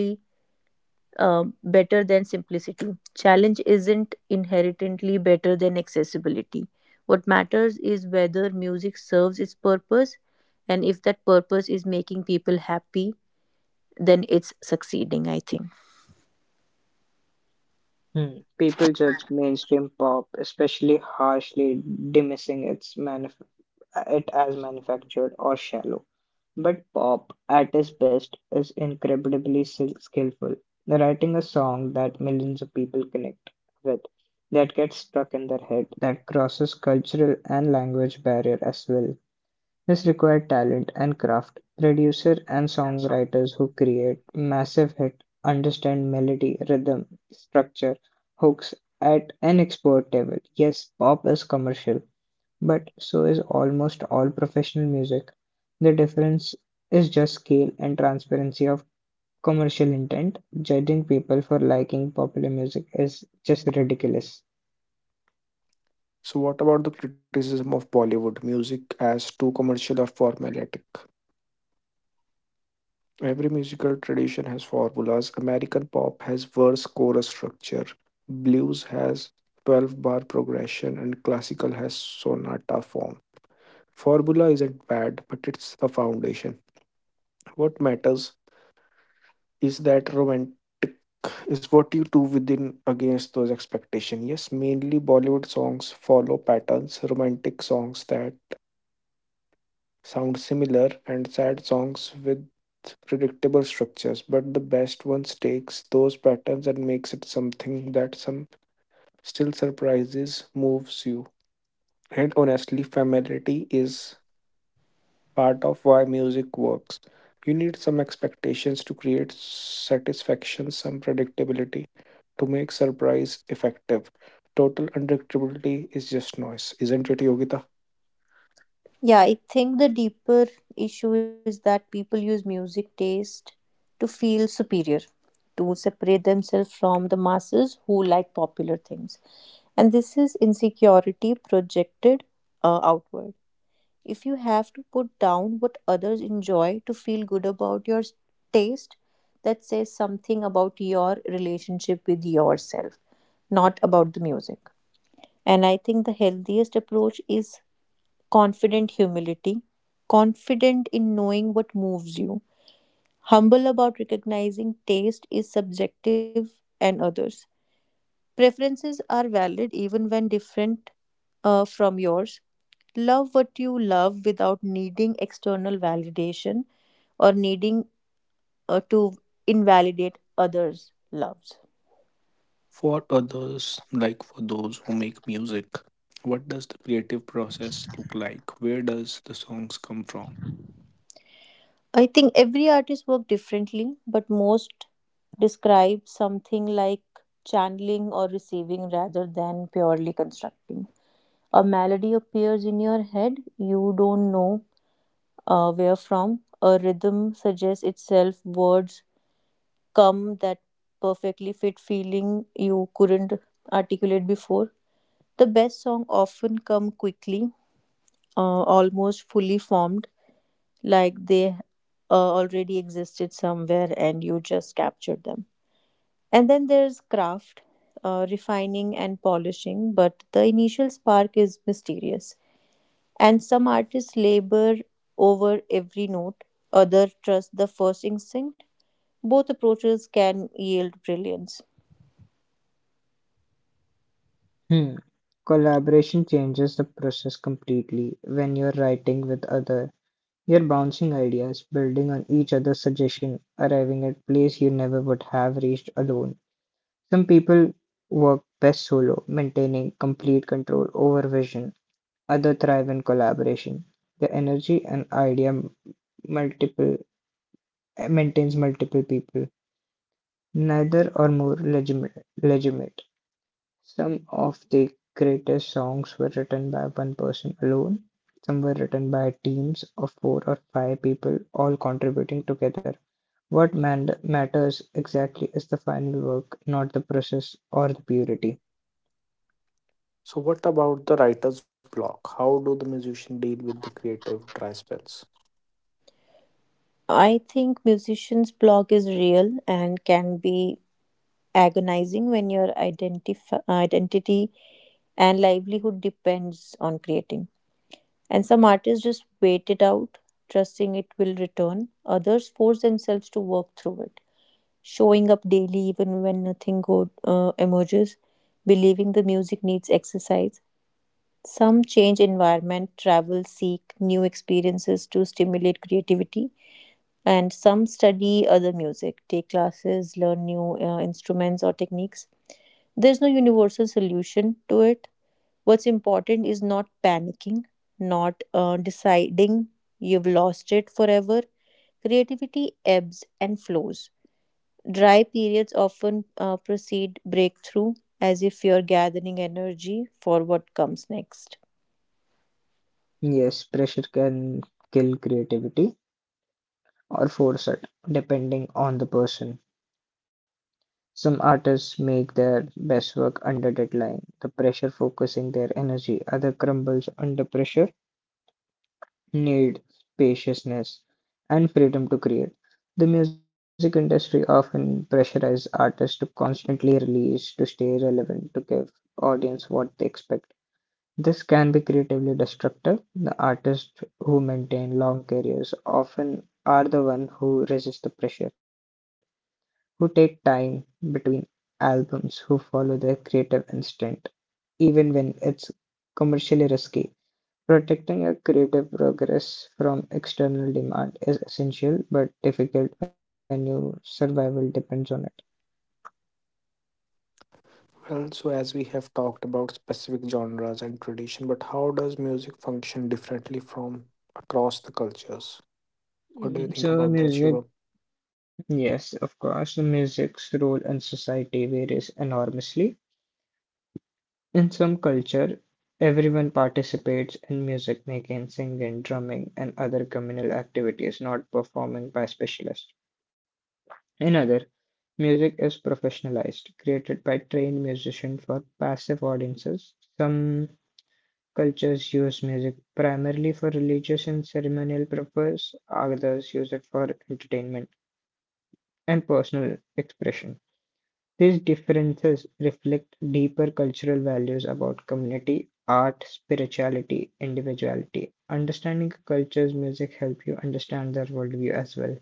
Speaker 2: um, better than simplicity. Challenge isn't inherently better than accessibility. What matters is whether music serves its purpose, and if that purpose is making people happy, then it's succeeding, I think.
Speaker 3: Hmm. People judge mainstream pop, especially harshly, dismissing its manuf- it as manufactured or shallow. But pop, at its best, is incredibly sil- skillful, writing a song that millions of people connect with, that gets stuck in their head, that crosses cultural and language barrier as well. This required talent and craft. Producer and songwriters who create massive hit understand melody, rhythm, structure, hooks at an expert level. Yes, pop is commercial, but so is almost all professional music. The difference is just scale and transparency of commercial intent. Judging people for liking popular music is just ridiculous.
Speaker 1: So, what about the criticism of Bollywood music as too commercial or formulaic? Every musical tradition has formulas. American pop has verse chorus structure, blues has twelve bar progression, and classical has sonata form. Formula isn't bad, but it's a foundation. What matters is that romantic is what you do within against those expectations. Yes, mainly Bollywood songs follow patterns, romantic songs that sound similar, and sad songs with predictable structures. But the best ones takes those patterns and makes it something that some still surprises, moves you. And honestly, familiarity is part of why music works. You need some expectations to create satisfaction, some predictability to make surprise effective. Total unpredictability is just noise, isn't it, Yogita?
Speaker 2: Yeah, I think the deeper issue is that people use music taste to feel superior, to separate themselves from the masses who like popular things. And this is insecurity projected uh, outward. If you have to put down what others enjoy to feel good about your s- taste, that says something about your relationship with yourself, not about the music. And I think the healthiest approach is confident humility, confident in knowing what moves you, humble about recognizing taste is subjective and others. Preferences are valid even when different uh, from yours. Love what you love without needing external validation or needing uh, to invalidate others' loves.
Speaker 1: For others, like for those who make music, what does the creative process look like? Where does the songs come from?
Speaker 2: I think every artist works differently, but most describe something like channeling or receiving rather than purely constructing. A melody appears in your head, you don't know uh, where from. A rhythm suggests itself, words come that perfectly fit feeling you couldn't articulate before. The best song often come quickly, uh, almost fully formed like they uh, already existed somewhere and you just captured them. And then there's craft, uh, refining and polishing, but the initial spark is mysterious. And some artists labor over every note, others trust the first instinct. Both approaches can yield brilliance.
Speaker 3: Hmm. Collaboration changes the process completely. When you're writing with other, you're bouncing ideas, building on each other's suggestion, arriving at place you never would have reached alone. Some people work best solo, maintaining complete control over vision. Other thrive in collaboration. The energy and idea multiple maintains multiple people, neither or more legitimate. legitimate. Some of the greatest songs were written by one person alone. Some were written by teams of four or five people, all contributing together. What man- matters exactly is the final work, not the process or the purity.
Speaker 1: So, what about the writer's block? How do the musician deal with the creative dry spells?
Speaker 2: I think musician's block is real and can be agonizing when your identif- identity and livelihood depends on creating. And some artists just wait it out, trusting it will return. Others force themselves to work through it, showing up daily even when nothing good uh, emerges, believing the music needs exercise. Some change environment, travel, seek new experiences to stimulate creativity. And some study other music, take classes, learn new uh, instruments or techniques. There's no universal solution to it. What's important is not panicking, not uh, deciding you've lost it forever. Creativity ebbs and flows. Dry periods often uh, precede breakthrough, as if you're gathering energy for what comes next.
Speaker 3: Yes, pressure can kill creativity or force it, depending on the person. Some artists make their best work under deadline, the pressure focusing their energy; other crumbles under pressure, need spaciousness and freedom to create. The music industry often pressurizes artists to constantly release to stay relevant, to give audience what they expect. This can be creatively destructive. The artists who maintain long careers often are the one who resist the pressure, who take time between albums, who follow their creative instinct, even when it's commercially risky. Protecting your creative progress from external demand is essential but difficult when your survival depends on it.
Speaker 1: Well, so as we have talked about specific genres and tradition, but how does music function differently from across the cultures? What do you
Speaker 3: Mm,
Speaker 1: think
Speaker 3: so,
Speaker 1: about that,
Speaker 3: music,
Speaker 1: Shiva?
Speaker 3: yes, of course, music's role in society varies enormously. In some culture, everyone participates in music making, singing, drumming, and other communal activities not performing by specialists. In other, music is professionalized, created by trained musicians for passive audiences. Some cultures use music primarily for religious and ceremonial purposes, others use it for entertainment and personal expression. These differences reflect deeper cultural values about community, art, spirituality, individuality. Understanding a culture's music helps you understand their worldview as well.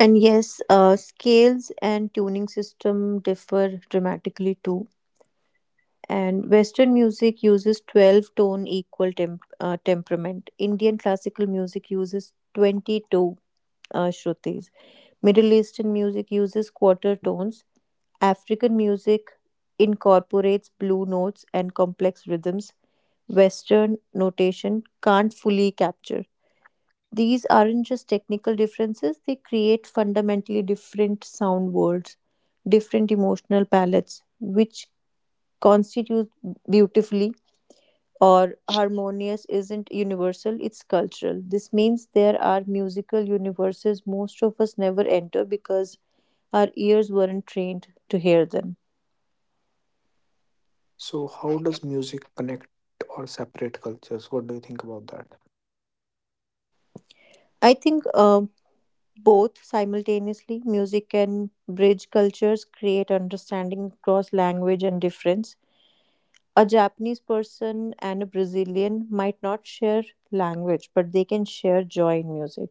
Speaker 2: And yes, uh, scales and tuning system differ dramatically too. And western music uses twelve tone equal temp- uh, temperament, indian classical music uses twenty-two uh, shrutis, middle eastern music uses quarter tones, african music incorporates blue notes and complex rhythms. Western notation can't fully capture. These aren't just technical differences, they create fundamentally different sound worlds, different emotional palettes, which constitute beautifully or harmonious isn't universal, it's cultural. This means there are musical universes most of us never enter because our ears weren't trained to hear them.
Speaker 1: So, how does music connect or separate cultures? What do you think about that?
Speaker 2: I think uh, both simultaneously, music can bridge cultures, create understanding across language and difference. A Japanese person and a Brazilian might not share language, but they can share joy in music,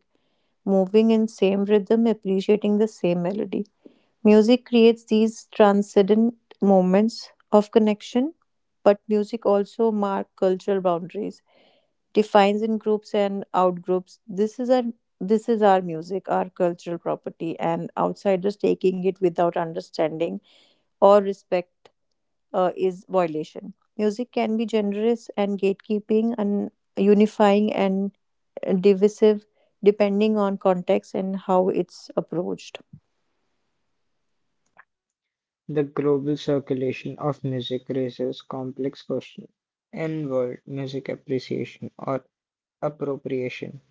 Speaker 2: moving in same rhythm, appreciating the same melody. Music creates these transcendent moments of connection, but music also marks cultural boundaries, defines in groups and out groups. This is our this is our music, our cultural property, and outsiders taking it without understanding or respect uh, is violation. Music can be generous and gatekeeping and unifying and divisive depending on context and how it's approached.
Speaker 3: The global circulation of music raises complex questions in world music appreciation or appropriation.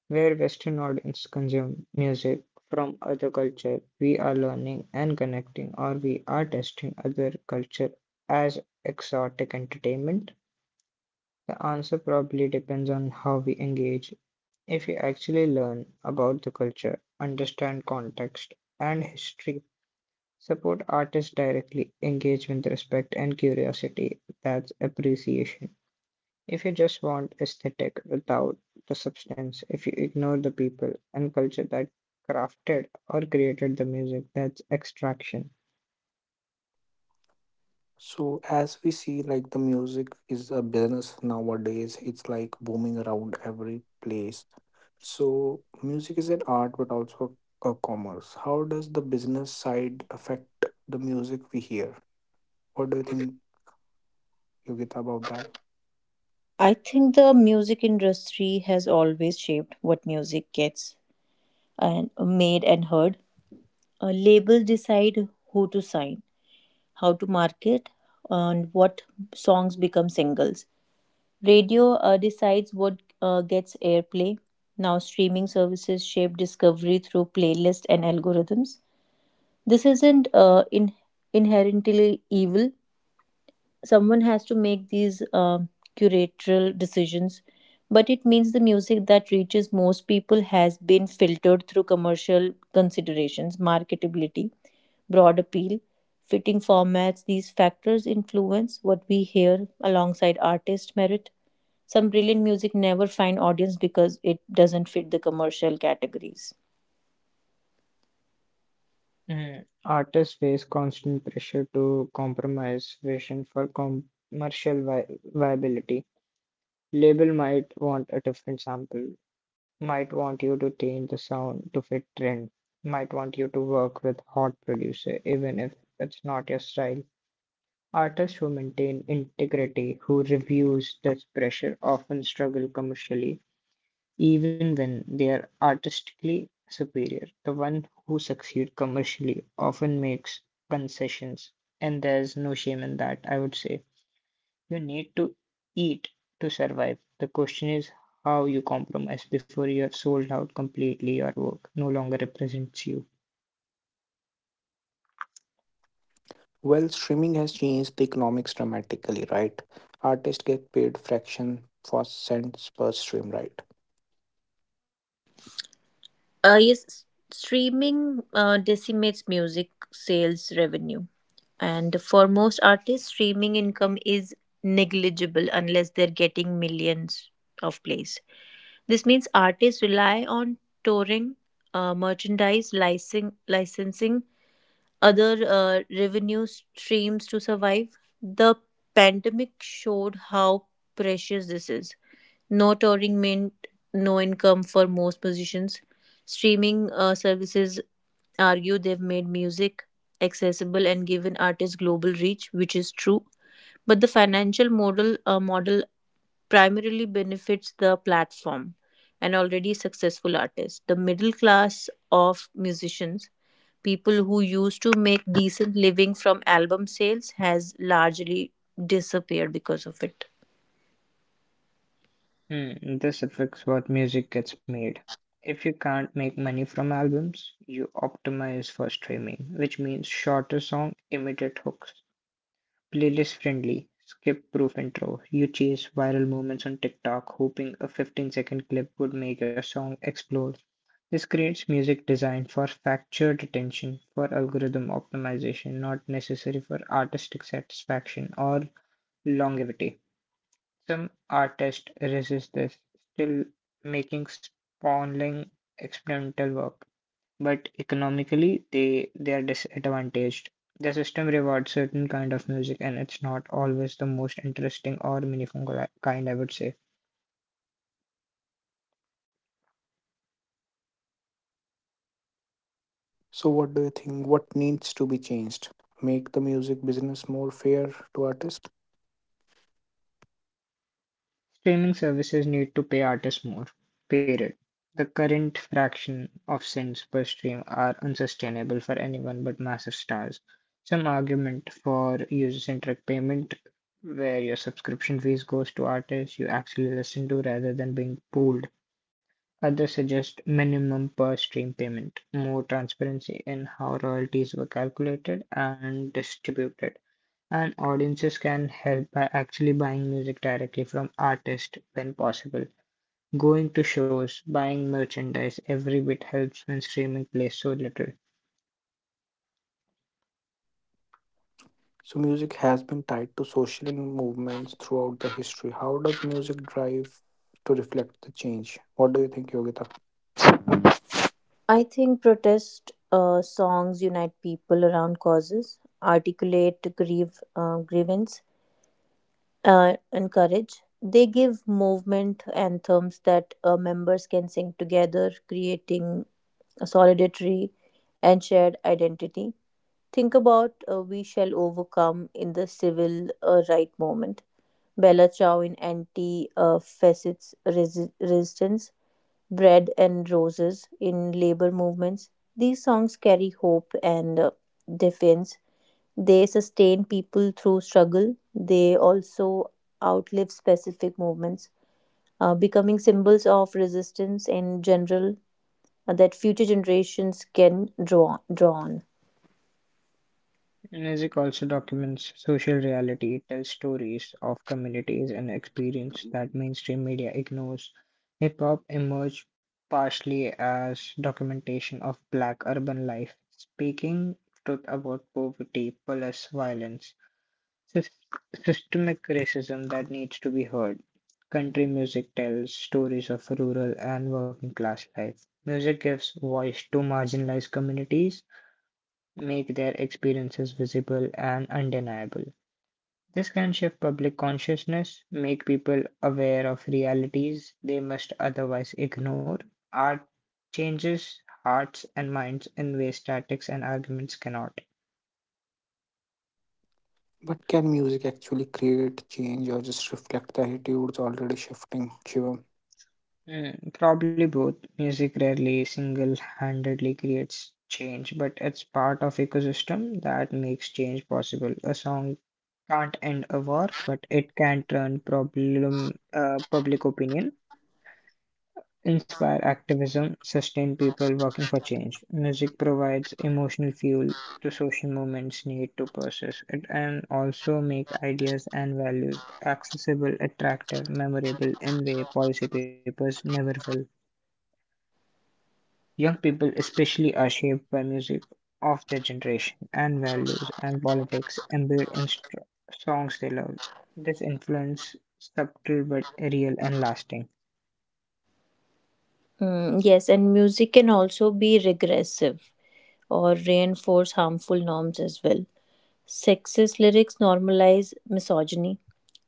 Speaker 3: Where Western audiences consume music from other culture, we are learning and connecting, or we are testing other culture as exotic entertainment. The answer probably depends on how we engage. If you actually learn about the culture, understand context and history, support artists directly, engage with respect and curiosity. That's appreciation. If you just want aesthetic without the substance, if you ignore the people and culture that crafted or created the music, that's extraction.
Speaker 1: So, as we see, like the music is a business nowadays, it's like booming around every place. So, music is an art but also a commerce. How does the business side affect the music we hear? What do you think Yogita, about that?
Speaker 2: I think the music industry has always shaped what music gets and made and heard. Uh, labels decide who to sign, how to market, and what songs become singles. Radio uh, decides what uh, gets airplay. Now, streaming services shape discovery through playlists and algorithms. This isn't uh, in- inherently evil. Someone has to make these um curatorial decisions, but it means the music that reaches most people has been filtered through commercial considerations, marketability, broad appeal, fitting formats. These factors influence what we hear alongside artist merit. Some brilliant music never find audience because it doesn't fit the commercial categories.
Speaker 3: Mm, artists face constant pressure to compromise vision for com- commercial vi- viability Label might want a different sample, might want you to change the sound to fit trend, might want you to work with hot producer even if it's not your style. Artists who maintain integrity, who refuse this pressure often struggle commercially, even when they are artistically superior. The one who succeed commercially often makes concessions, and there's no shame in that, I would say. You need to eat to survive. The question is how you compromise before you have sold out completely your work no longer represents you.
Speaker 1: Well, streaming has changed the economics dramatically, right? Artists get paid fraction for cents per stream, right?
Speaker 2: Uh, yes, s- streaming uh, decimates music sales revenue. And for most artists, streaming income is negligible unless they're getting millions of plays. This means artists rely on touring, uh, merchandise, licensing, licensing other uh, revenue streams to survive. The pandemic showed how precious this is. No touring meant no income for most musicians. Streaming uh, services argue they've made music accessible and given artists global reach, which is true. But the financial model uh, model primarily benefits the platform and already successful artists. The middle class of musicians, people who used to make decent living from album sales, has largely disappeared because of it.
Speaker 3: Hmm, this affects what music gets made. If you can't make money from albums, you optimize for streaming, which means shorter song, immediate hooks, playlist friendly, skip proof intro. You chase viral moments on TikTok, hoping a fifteen second clip would make your song explode. This creates music designed for factored attention, for algorithm optimization, not necessary for artistic satisfaction or longevity. Some artists resist this, still making sprawling experimental work, but economically they, they are disadvantaged. The system rewards certain kind of music, and it's not always the most interesting or meaningful kind, I would say.
Speaker 1: So, what do you think? What needs to be changed? Make the music business more fair to artists?
Speaker 3: Streaming services need to pay artists more, period. The current fraction of cents per stream are unsustainable for anyone but massive stars. Some argument for user-centric payment where your subscription fees goes to artists you actually listen to rather than being pooled. Others suggest minimum per stream payment, more transparency in how royalties were calculated and distributed. And audiences can help by actually buying music directly from artists when possible. Going to shows, buying merchandise, every bit helps when streaming plays so little.
Speaker 1: So music has been tied to social movements throughout the history. How does music drive to reflect the change? What do you think, Yogita?
Speaker 2: I think protest uh, songs unite people around causes, articulate grieve, uh, grievance, uh, and courage. They give movement anthems that uh, members can sing together, creating a solidarity and shared identity. Think about uh, We Shall Overcome in the civil uh, right movement. Bella Ciao in anti uh, facets resi- resistance, Bread and Roses in labor movements. These songs carry hope and uh, defiance. They sustain people through struggle. They also outlive specific movements, uh, becoming symbols of resistance in general uh, that future generations can draw, draw on.
Speaker 3: Music also documents social reality. It tells stories of communities and experience that mainstream media ignores. Hip hop emerged partially as documentation of black urban life, speaking truth about poverty, police violence, Sys- systemic racism that needs to be heard. Country music tells stories of rural and working class life. Music gives voice to marginalized communities, make their experiences visible and undeniable. This can shift public consciousness, make people aware of realities they must otherwise ignore. Art changes hearts and minds in ways statics and arguments cannot.
Speaker 1: But can music actually create change or just reflect the attitudes already shifting, Shivam?
Speaker 3: Mm, probably both. Music rarely single-handedly creates change, but it's part of ecosystem that makes change possible. A song can't end a war, but it can turn problem uh, public opinion, inspire activism, sustain people working for change. Music provides emotional fuel to social movements need to persist. It and also make ideas and values accessible, attractive, memorable in way policy papers never will. Young people, especially, are shaped by music of their generation, and values and politics embedded in str songs they love. This influence, subtle but real and lasting.
Speaker 2: Mm, yes, and music can also be regressive or reinforce harmful norms as well. Sexist lyrics normalize misogyny,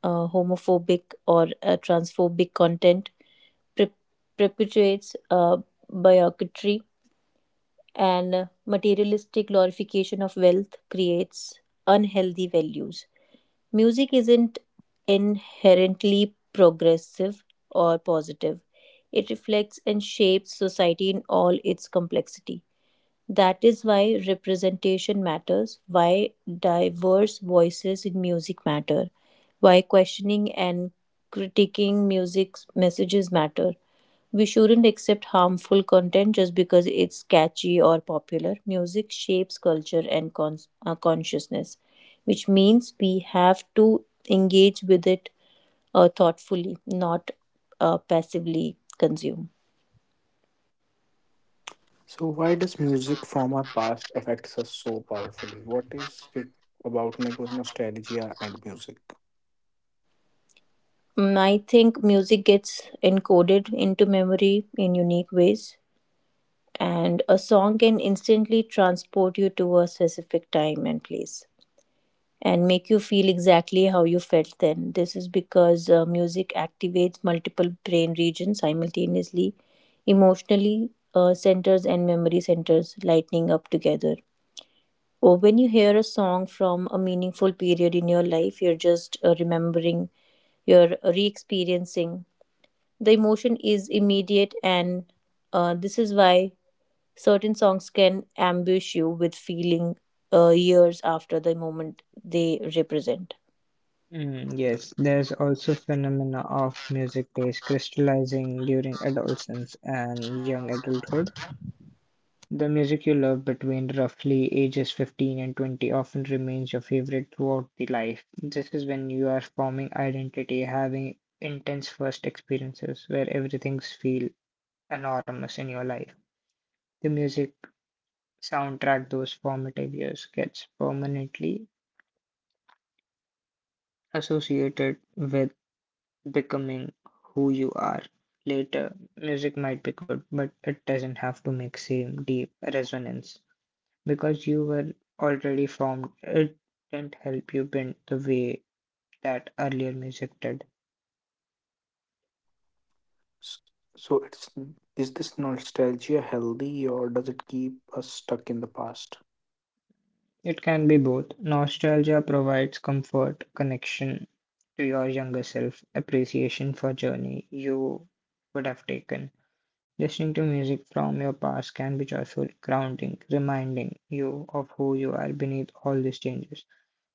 Speaker 2: uh, homophobic or uh, transphobic content, pre- perpetuates uh, bigotry, and uh, materialistic glorification of wealth creates unhealthy values. Music isn't inherently progressive or positive. It reflects and shapes society in all its complexity. That is why representation matters, why diverse voices in music matter, why questioning and critiquing music's messages matter. We shouldn't accept harmful content just because it's catchy or popular. Music shapes culture and cons- uh, consciousness, which means we have to engage with it uh, thoughtfully, not uh, passively consume.
Speaker 1: So why does music from our past affects us so powerfully? What is it about neg- nostalgia and music?
Speaker 2: Mm, I think music gets encoded into memory in unique ways, and a song can instantly transport you to a specific time and place and make you feel exactly how you felt then. This is because uh, music activates multiple brain regions simultaneously, emotionally uh, centers and memory centers lighting up together. Or when you hear a song from a meaningful period in your life, you're just uh, remembering, you're re experiencing the emotion is immediate, and uh, this is why certain songs can ambush you with feeling uh, years after the moment they represent.
Speaker 3: Mm, yes, there's also phenomena of music taste crystallizing during adolescence and young adulthood. The music you love between roughly ages fifteen and twenty often remains your favorite throughout the life. This is when you are forming identity, having intense first experiences where everything feels enormous in your life. The music soundtrack those formative years gets permanently associated with becoming who you are. Later, music might be good, but it doesn't have to make same deep resonance. Because you were already formed, it didn't help you bend the way that earlier music did.
Speaker 1: S- So it's Is this nostalgia healthy or does it keep us stuck in the past?
Speaker 3: It can be both. Nostalgia provides comfort, connection to your younger self, appreciation for journey you would have taken. Listening to music from your past can be joyful, grounding, reminding you of who you are beneath all these changes.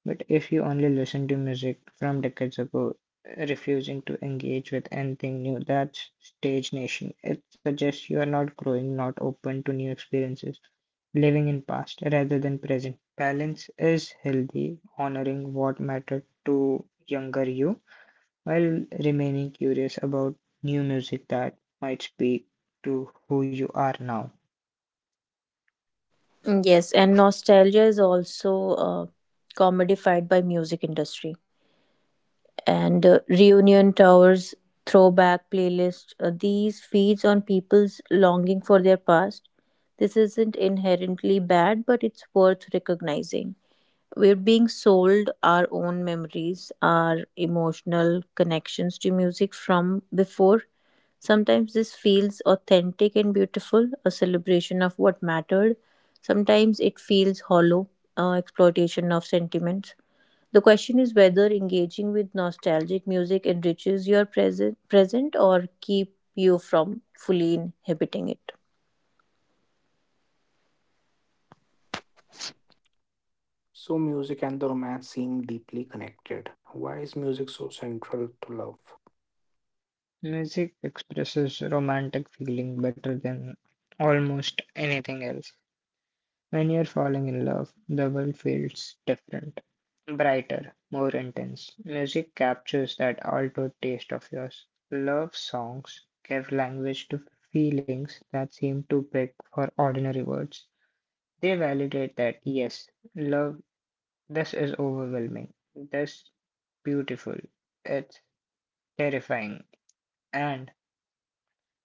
Speaker 3: But if you only listen to music from decades ago, refusing to engage with anything new, that's stage nation. It suggests you are not growing, not open to new experiences, living in past rather than present. Balance is healthy, honoring what mattered to younger you while remaining curious about new music that might speak to who you are now.
Speaker 2: Mm, yes, and nostalgia is also uh, commodified by music industry and uh, reunion tours, throwback playlists. Uh, these feeds on people's longing for their past. This isn't inherently bad, but it's worth recognizing. We're being sold our own memories, our emotional connections to music from before. Sometimes this feels authentic and beautiful, a celebration of what mattered. Sometimes it feels hollow, uh, exploitation of sentiments. The question is whether engaging with nostalgic music enriches your present, present or keep you from fully inhabiting it.
Speaker 1: So, music and the romance seem deeply connected. Why is music so central to love?
Speaker 3: Music expresses romantic feeling better than almost anything else. When you're falling in love, the world feels different, brighter, more intense. Music captures that altered taste of yours. Love songs give language to feelings that seem too big for ordinary words. They validate that, yes, love, this is overwhelming, this beautiful, it's terrifying. And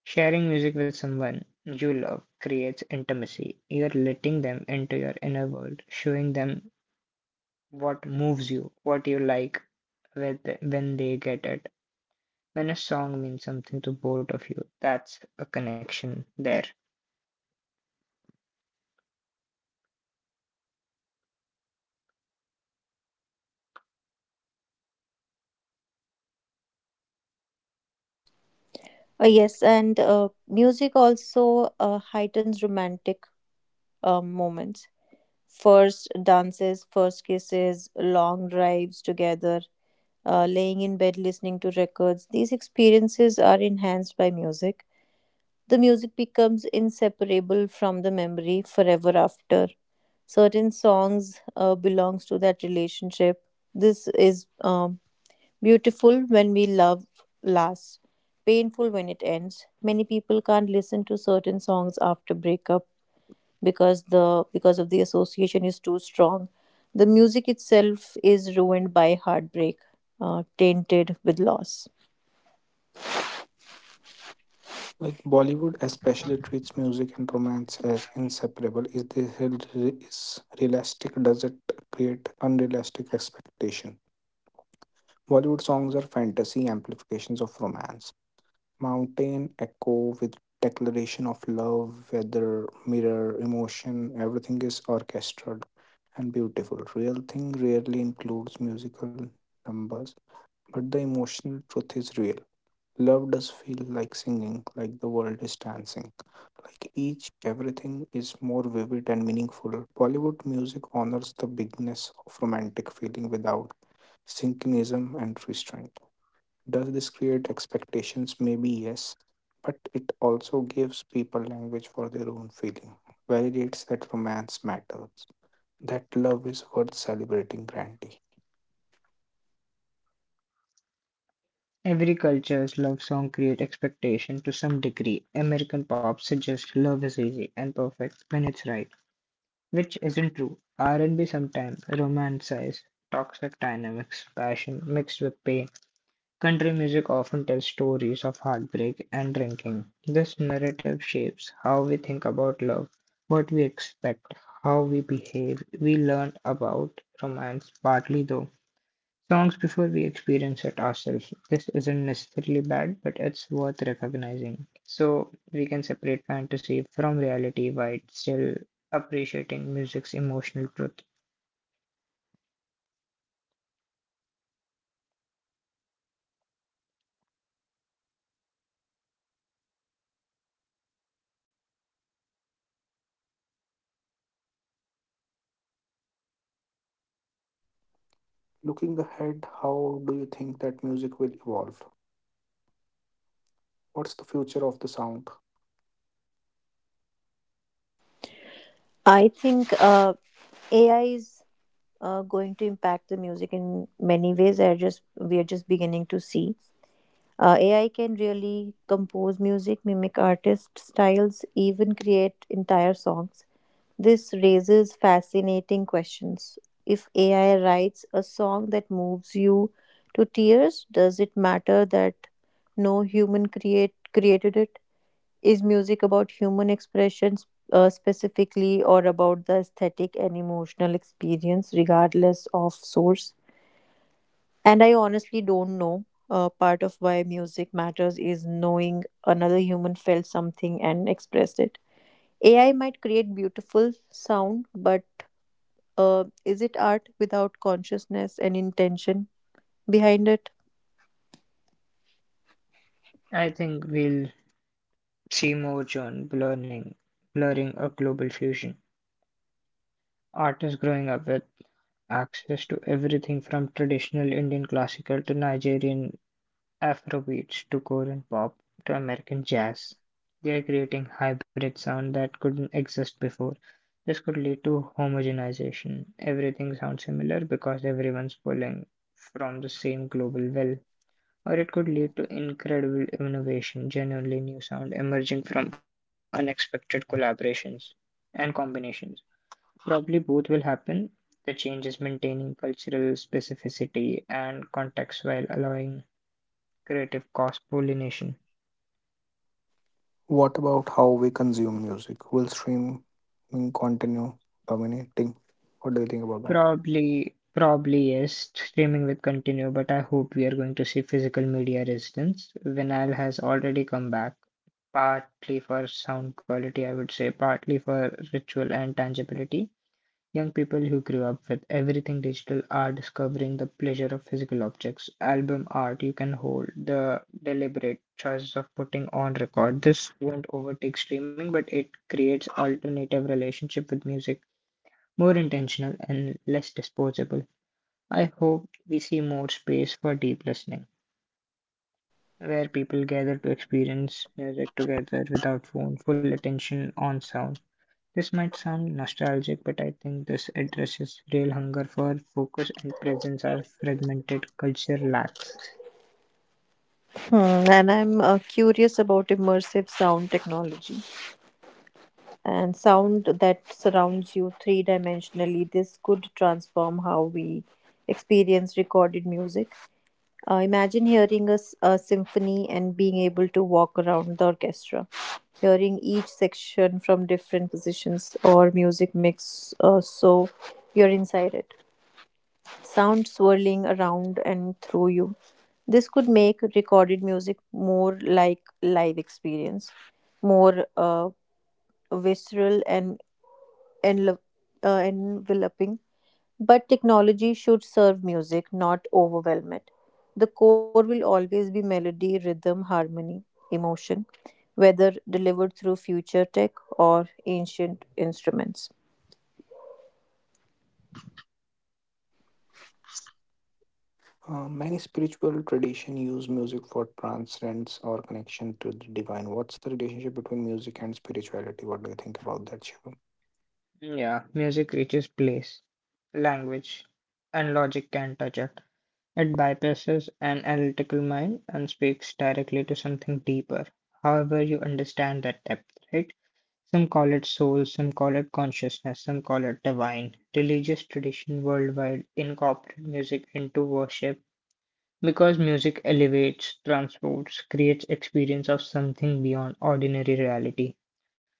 Speaker 3: sharing music with someone you love creates intimacy. You're letting them into your inner world, showing them what moves you, what you like with when they get it. When a song means something to both of you, that's a connection there.
Speaker 2: Uh, yes, and uh, music also uh, heightens romantic uh, moments. First dances, first kisses, long drives together, uh, laying in bed listening to records. These experiences are enhanced by music. The music becomes inseparable from the memory forever after. Certain songs uh, belongs to that relationship. This is um, beautiful when we love lasts, painful when it ends. Many people can't listen to certain songs after breakup because the because of the association is too strong, the music itself is ruined by heartbreak, uh, tainted with loss.
Speaker 1: Like Bollywood especially treats music and romance as inseparable. Is this real- is realistic? Does it create unrealistic expectation? Bollywood songs are fantasy amplifications of romance. Mountain echo with declaration of love, weather, mirror, emotion, everything is orchestrated and beautiful. Real thing rarely includes musical numbers but the emotional truth is real. Love does feel like singing, like the world is dancing, like each everything is more vivid and meaningful. Bollywood music honors the bigness of romantic feeling without synchronism and restraint. Does this create expectations? Maybe yes, but it also gives people language for their own feeling, validates that romance matters, that love is worth celebrating grandly.
Speaker 3: Every culture's love song creates expectation to some degree. American pop suggests love is easy and perfect when it's right, which isn't true. R and B sometimes romanticizes toxic dynamics, passion mixed with pain. Country music often tells stories of heartbreak and drinking. This narrative shapes how we think about love, what we expect, how we behave. We learn about romance partly though songs before we experience it ourselves. This isn't necessarily bad, but it's worth recognizing, so we can separate fantasy from reality while still appreciating music's emotional truth.
Speaker 1: Looking ahead, how do you think that music will evolve? What's the future of the sound?
Speaker 2: I think uh, ai is uh, going to impact the music in many ways. I just We are just beginning to see. Uh, ai can really compose music, mimic artist styles, even create entire songs. This raises fascinating questions. If A I writes a song that moves you to tears, does it matter that no human create created it? Is music about human expressions uh, specifically, or about the aesthetic and emotional experience regardless of source? And I honestly don't know. Uh, part of why music matters is knowing another human felt something and expressed it. A I might create beautiful sound, but uh, is it art without consciousness and intention behind it?
Speaker 3: I think we'll see more John blurring, blurring a global fusion. Artists growing up with access to everything from traditional Indian classical to Nigerian Afrobeats to Korean pop to American jazz. They are creating hybrid sound that couldn't exist before. This could lead to homogenization. Everything sounds similar because everyone's pulling from the same global well. Or it could lead to incredible innovation, genuinely new sound emerging from unexpected collaborations and combinations. Probably both will happen. The change is maintaining cultural specificity and context while allowing creative cross pollination.
Speaker 1: What about how we consume music? Will streaming continue dominating? What do you think about that?
Speaker 3: Probably, probably yes, streaming will continue, but I hope we are going to see physical media resistance. Vinyl has already come back, partly for sound quality, I would say, partly for ritual and tangibility. Young people who grew up with everything digital are discovering the pleasure of physical objects. Album art you can hold, the deliberate choice of putting on record. This won't overtake streaming, but it creates alternative relationship with music, more intentional and less disposable. I hope we see more space for deep listening, where people gather to experience music together without phone, full attention on sound. This might sound nostalgic, but I think this addresses real hunger for focus and presence our fragmented culture lacks.
Speaker 2: Hmm, and I'm uh, curious about immersive sound technology and sound that surrounds you three dimensionally. This could transform how we experience recorded music. Uh, imagine hearing a, s- a symphony and being able to walk around the orchestra, hearing each section from different positions, or music mix, uh, so you're inside it, sound swirling around and through you. This could make recorded music more like live experience, more uh, visceral and enlo- uh, enveloping. But technology should serve music, not overwhelm it. The core will always be melody, rhythm, harmony, emotion, whether delivered through future tech or ancient instruments.
Speaker 1: Uh, many spiritual traditions use music for transcendence or connection to the divine. What's the relationship between music and spirituality? What do you think about that, Shivam?
Speaker 3: Yeah, music reaches place, language, and logic can not touch it. It bypasses an analytical mind and speaks directly to something deeper. However, you understand that depth, right? Some call it soul, some call it consciousness, some call it divine. Religious tradition worldwide incorporate music into worship, because music elevates, transports, creates experience of something beyond ordinary reality.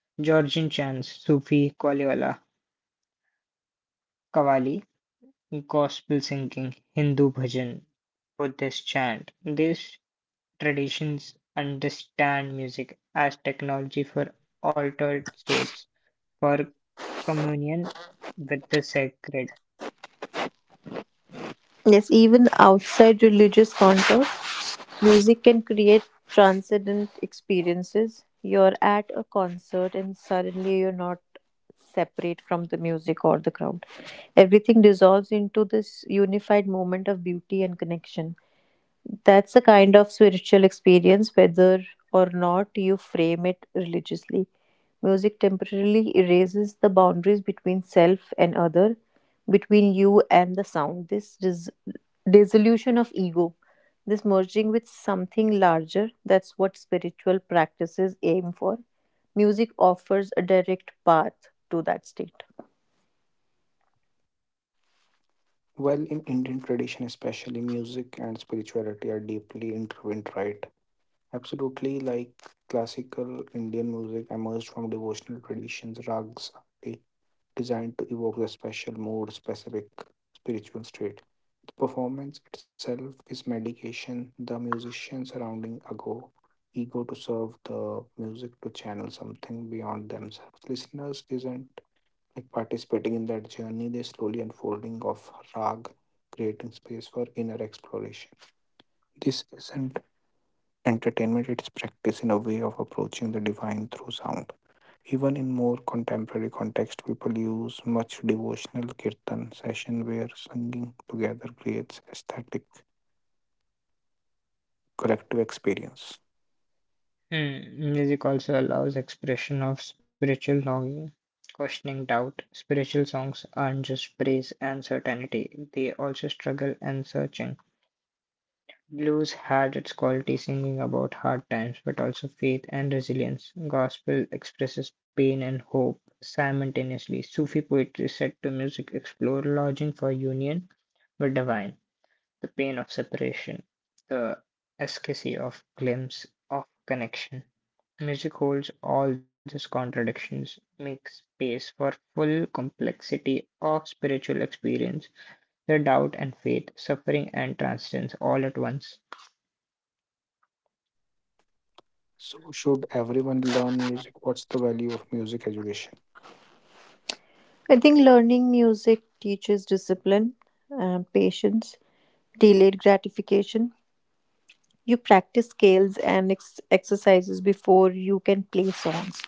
Speaker 3: Georgian chants, Sufi Qaliwala, Qawwali, gospel singing, Hindu bhajan, Buddhist chant. These traditions understand music as technology for altered states, for communion with the sacred.
Speaker 2: Yes, even outside religious contour, music can create transcendent experiences. You're at a concert and suddenly you're not separate from the music or the crowd. Everything dissolves into this unified moment of beauty and connection. That's the kind of spiritual experience, whether or not you frame it religiously. Music temporarily erases the boundaries between self and other, between you and the sound. This dis- dissolution of ego, this merging with something larger, that's what spiritual practices aim for. Music offers a direct path to that state.
Speaker 1: Well, in Indian tradition, especially music and spirituality are deeply intertwined, right? Absolutely, like classical Indian music emerged from devotional traditions, rags, designed to evoke a special mood, specific spiritual state. The performance itself is medication, the musician surrounding a go ego to serve the music to channel something beyond themselves. Listeners isn't like participating in that journey, they slowly unfolding of rag, creating space for inner exploration. This isn't entertainment, it's practice in a way of approaching the divine through sound. Even in more contemporary context, people use much devotional kirtan session where singing together creates aesthetic collective experience.
Speaker 3: Hmm, music also allows expression of spiritual longing, questioning doubt. Spiritual songs aren't just praise and certainty, they also struggle and searching. Blues had its quality singing about hard times, but also faith and resilience. Gospel expresses pain and hope simultaneously. Sufi poetry set to music explore lodging for union with divine, the pain of separation, the ecstasy of glimpse of connection. Music holds all these contradictions, makes space for full complexity of spiritual experience, the doubt and faith, suffering and transcendence all at once.
Speaker 1: So, should everyone learn music? What's the value of music education?
Speaker 2: I think learning music teaches discipline, uh, patience, delayed gratification. You practice scales and ex- exercises before you can play songs.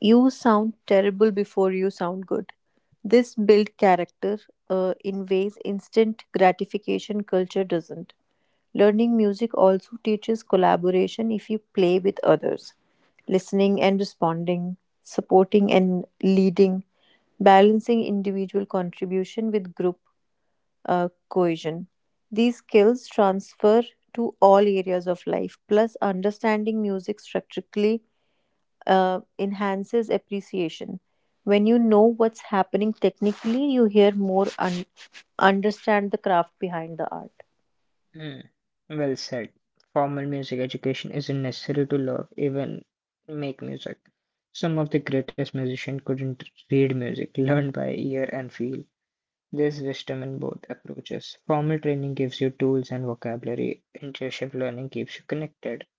Speaker 2: You sound terrible before you sound good. This build character uh, in ways instant gratification culture doesn't. Learning music also teaches collaboration. If you play with others, listening and responding, supporting and leading, balancing individual contribution with group uh, cohesion, these skills transfer to all areas of life. Plus, understanding music structurally uh, enhances appreciation. When you know what's happening technically, you hear more and understand the craft behind the art.
Speaker 3: Hmm. Well said. Formal music education isn't necessary to love, even make music. Some of the greatest musicians couldn't read music, learn by ear and feel. There's wisdom in both approaches. Formal training gives you tools and vocabulary, intuitive learning keeps you connected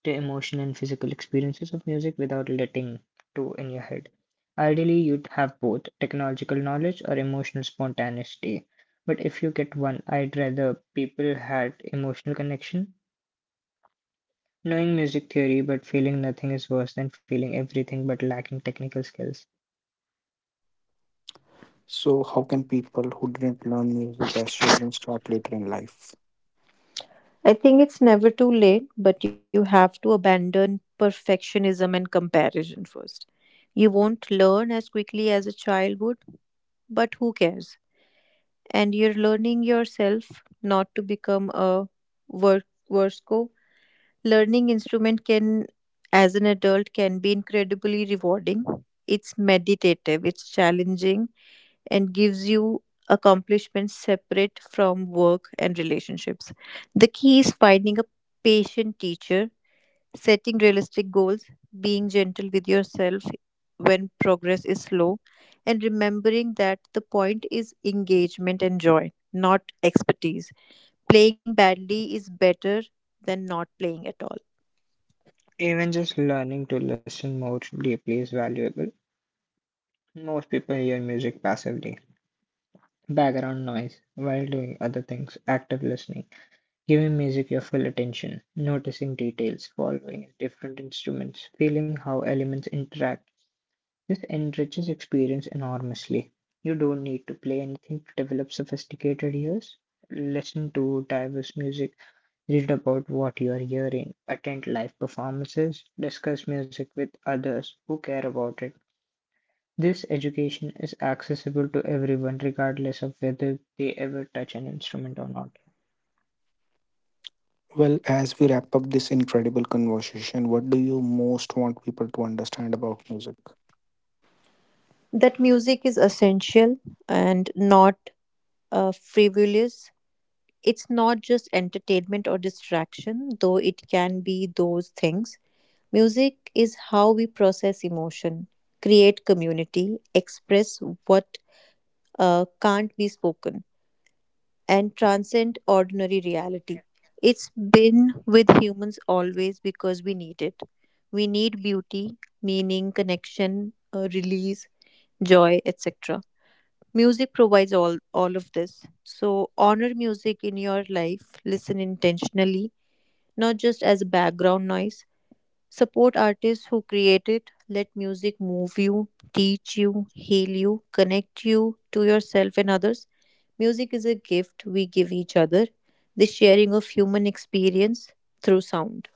Speaker 3: the emotion and physical experiences of music without letting two in your head. Ideally, you'd have both technological knowledge or emotional spontaneity. But if you get one, I'd rather people had emotional connection. Knowing music theory but feeling nothing is worse than feeling everything but lacking technical skills.
Speaker 1: So, how can people who didn't learn music as children start later in life?
Speaker 2: I think it's never too late, but you have to abandon perfectionism and comparison first. You won't learn as quickly as a child would, but who cares? And you're learning yourself not to become a work worsko. Learning instrument can as an adult can be incredibly rewarding. It's meditative, it's challenging, and gives you accomplishments separate from work and relationships. The key is finding a patient teacher, setting realistic goals, being gentle with yourself when progress is slow, and remembering that the point is engagement and joy, not expertise. Playing badly is better than not playing at all.
Speaker 3: Even just learning to listen more deeply is valuable. Most people hear music passively, background noise, while doing other things. Active listening, giving music your full attention, noticing details, following different instruments, feeling how elements interact, this enriches experience enormously. You don't need to play anything to develop sophisticated ears. Listen to diverse music, read about what you are hearing, attend live performances, discuss music with others who care about it. This education is accessible to everyone, regardless of whether they ever touch an instrument or not.
Speaker 1: Well, as we wrap up this incredible conversation, what do you most want people to understand about music?
Speaker 2: That music is essential and not uh, frivolous. It's not just entertainment or distraction, though it can be those things. Music is how we process emotion, create community, express what uh, can't be spoken, and transcend ordinary reality. It's been with humans always because we need it. We need beauty, meaning, connection, uh, release, joy, et cetera. Music provides all, all of this. So, honor music in your life, listen intentionally, not just as background noise. Support artists who create it. Let music move you, teach you, heal you, connect you to yourself and others. Music is a gift we give each other, the sharing of human experience through sound.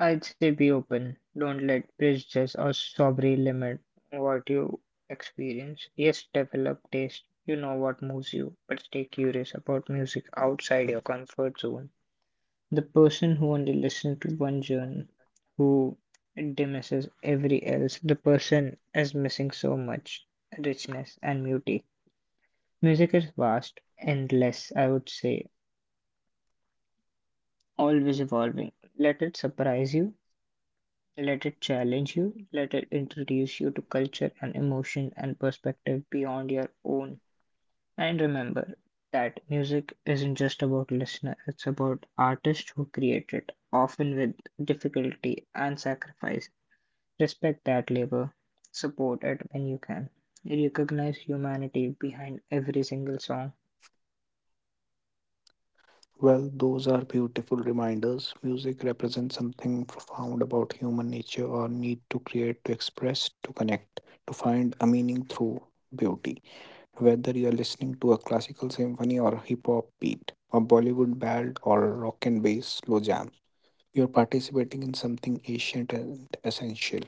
Speaker 3: I'd say be open. Don't let prejudice or snobbery limit what you experience. Yes, develop taste. You know what moves you, but stay curious about music outside your comfort zone. The person who only listens to one genre, who dismisses every else, the person is missing so much richness and beauty. Music is vast, endless, I would say, always evolving. Let it surprise you. Let it challenge you, let it introduce you to culture and emotion and perspective beyond your own. And remember that music isn't just about listener, it's about artists who create it, often with difficulty and sacrifice. Respect that labor, support it when you can. Recognize humanity behind every single song.
Speaker 1: Well, those are beautiful reminders. Music represents something profound about human nature, our need to create, to express, to connect, to find a meaning through beauty. Whether you're listening to a classical symphony or a hip hop beat, a Bollywood ballad or a rock and bass slow jam, you're participating in something ancient and essential.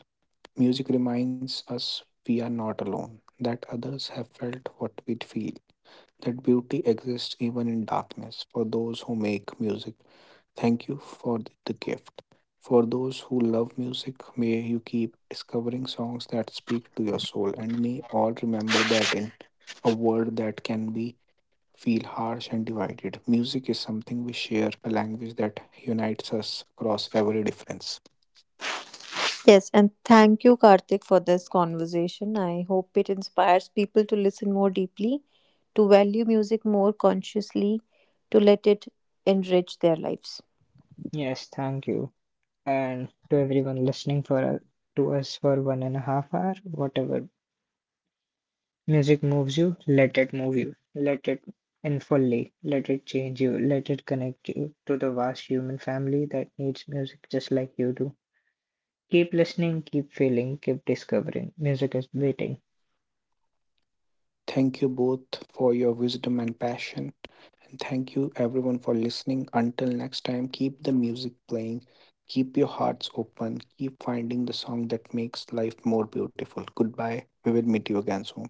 Speaker 1: Music reminds us we are not alone, that others have felt what we feel, that beauty exists even in darkness for those who make music. Thank you for th- the gift. For those who love music, may you keep discovering songs that speak to your soul, and may all remember that in a world that can be feel harsh and divided, music is something we share, a language that unites us across every difference.
Speaker 2: Yes, and thank you, Karthik, for this conversation. I hope it inspires people to listen more deeply, to value music more consciously, to let it enrich their lives.
Speaker 3: Yes, thank you. And to everyone listening for to us for one and a half hour, whatever music moves you, let it move you, let it in fully, let it change you, let it connect you to the vast human family that needs music just like you do. Keep listening, keep feeling, keep discovering. Music is waiting.
Speaker 1: Thank you both for your wisdom and passion. And thank you everyone for listening. Until next time, keep the music playing, keep your hearts open, keep finding the song that makes life more beautiful. Goodbye. We will meet you again soon.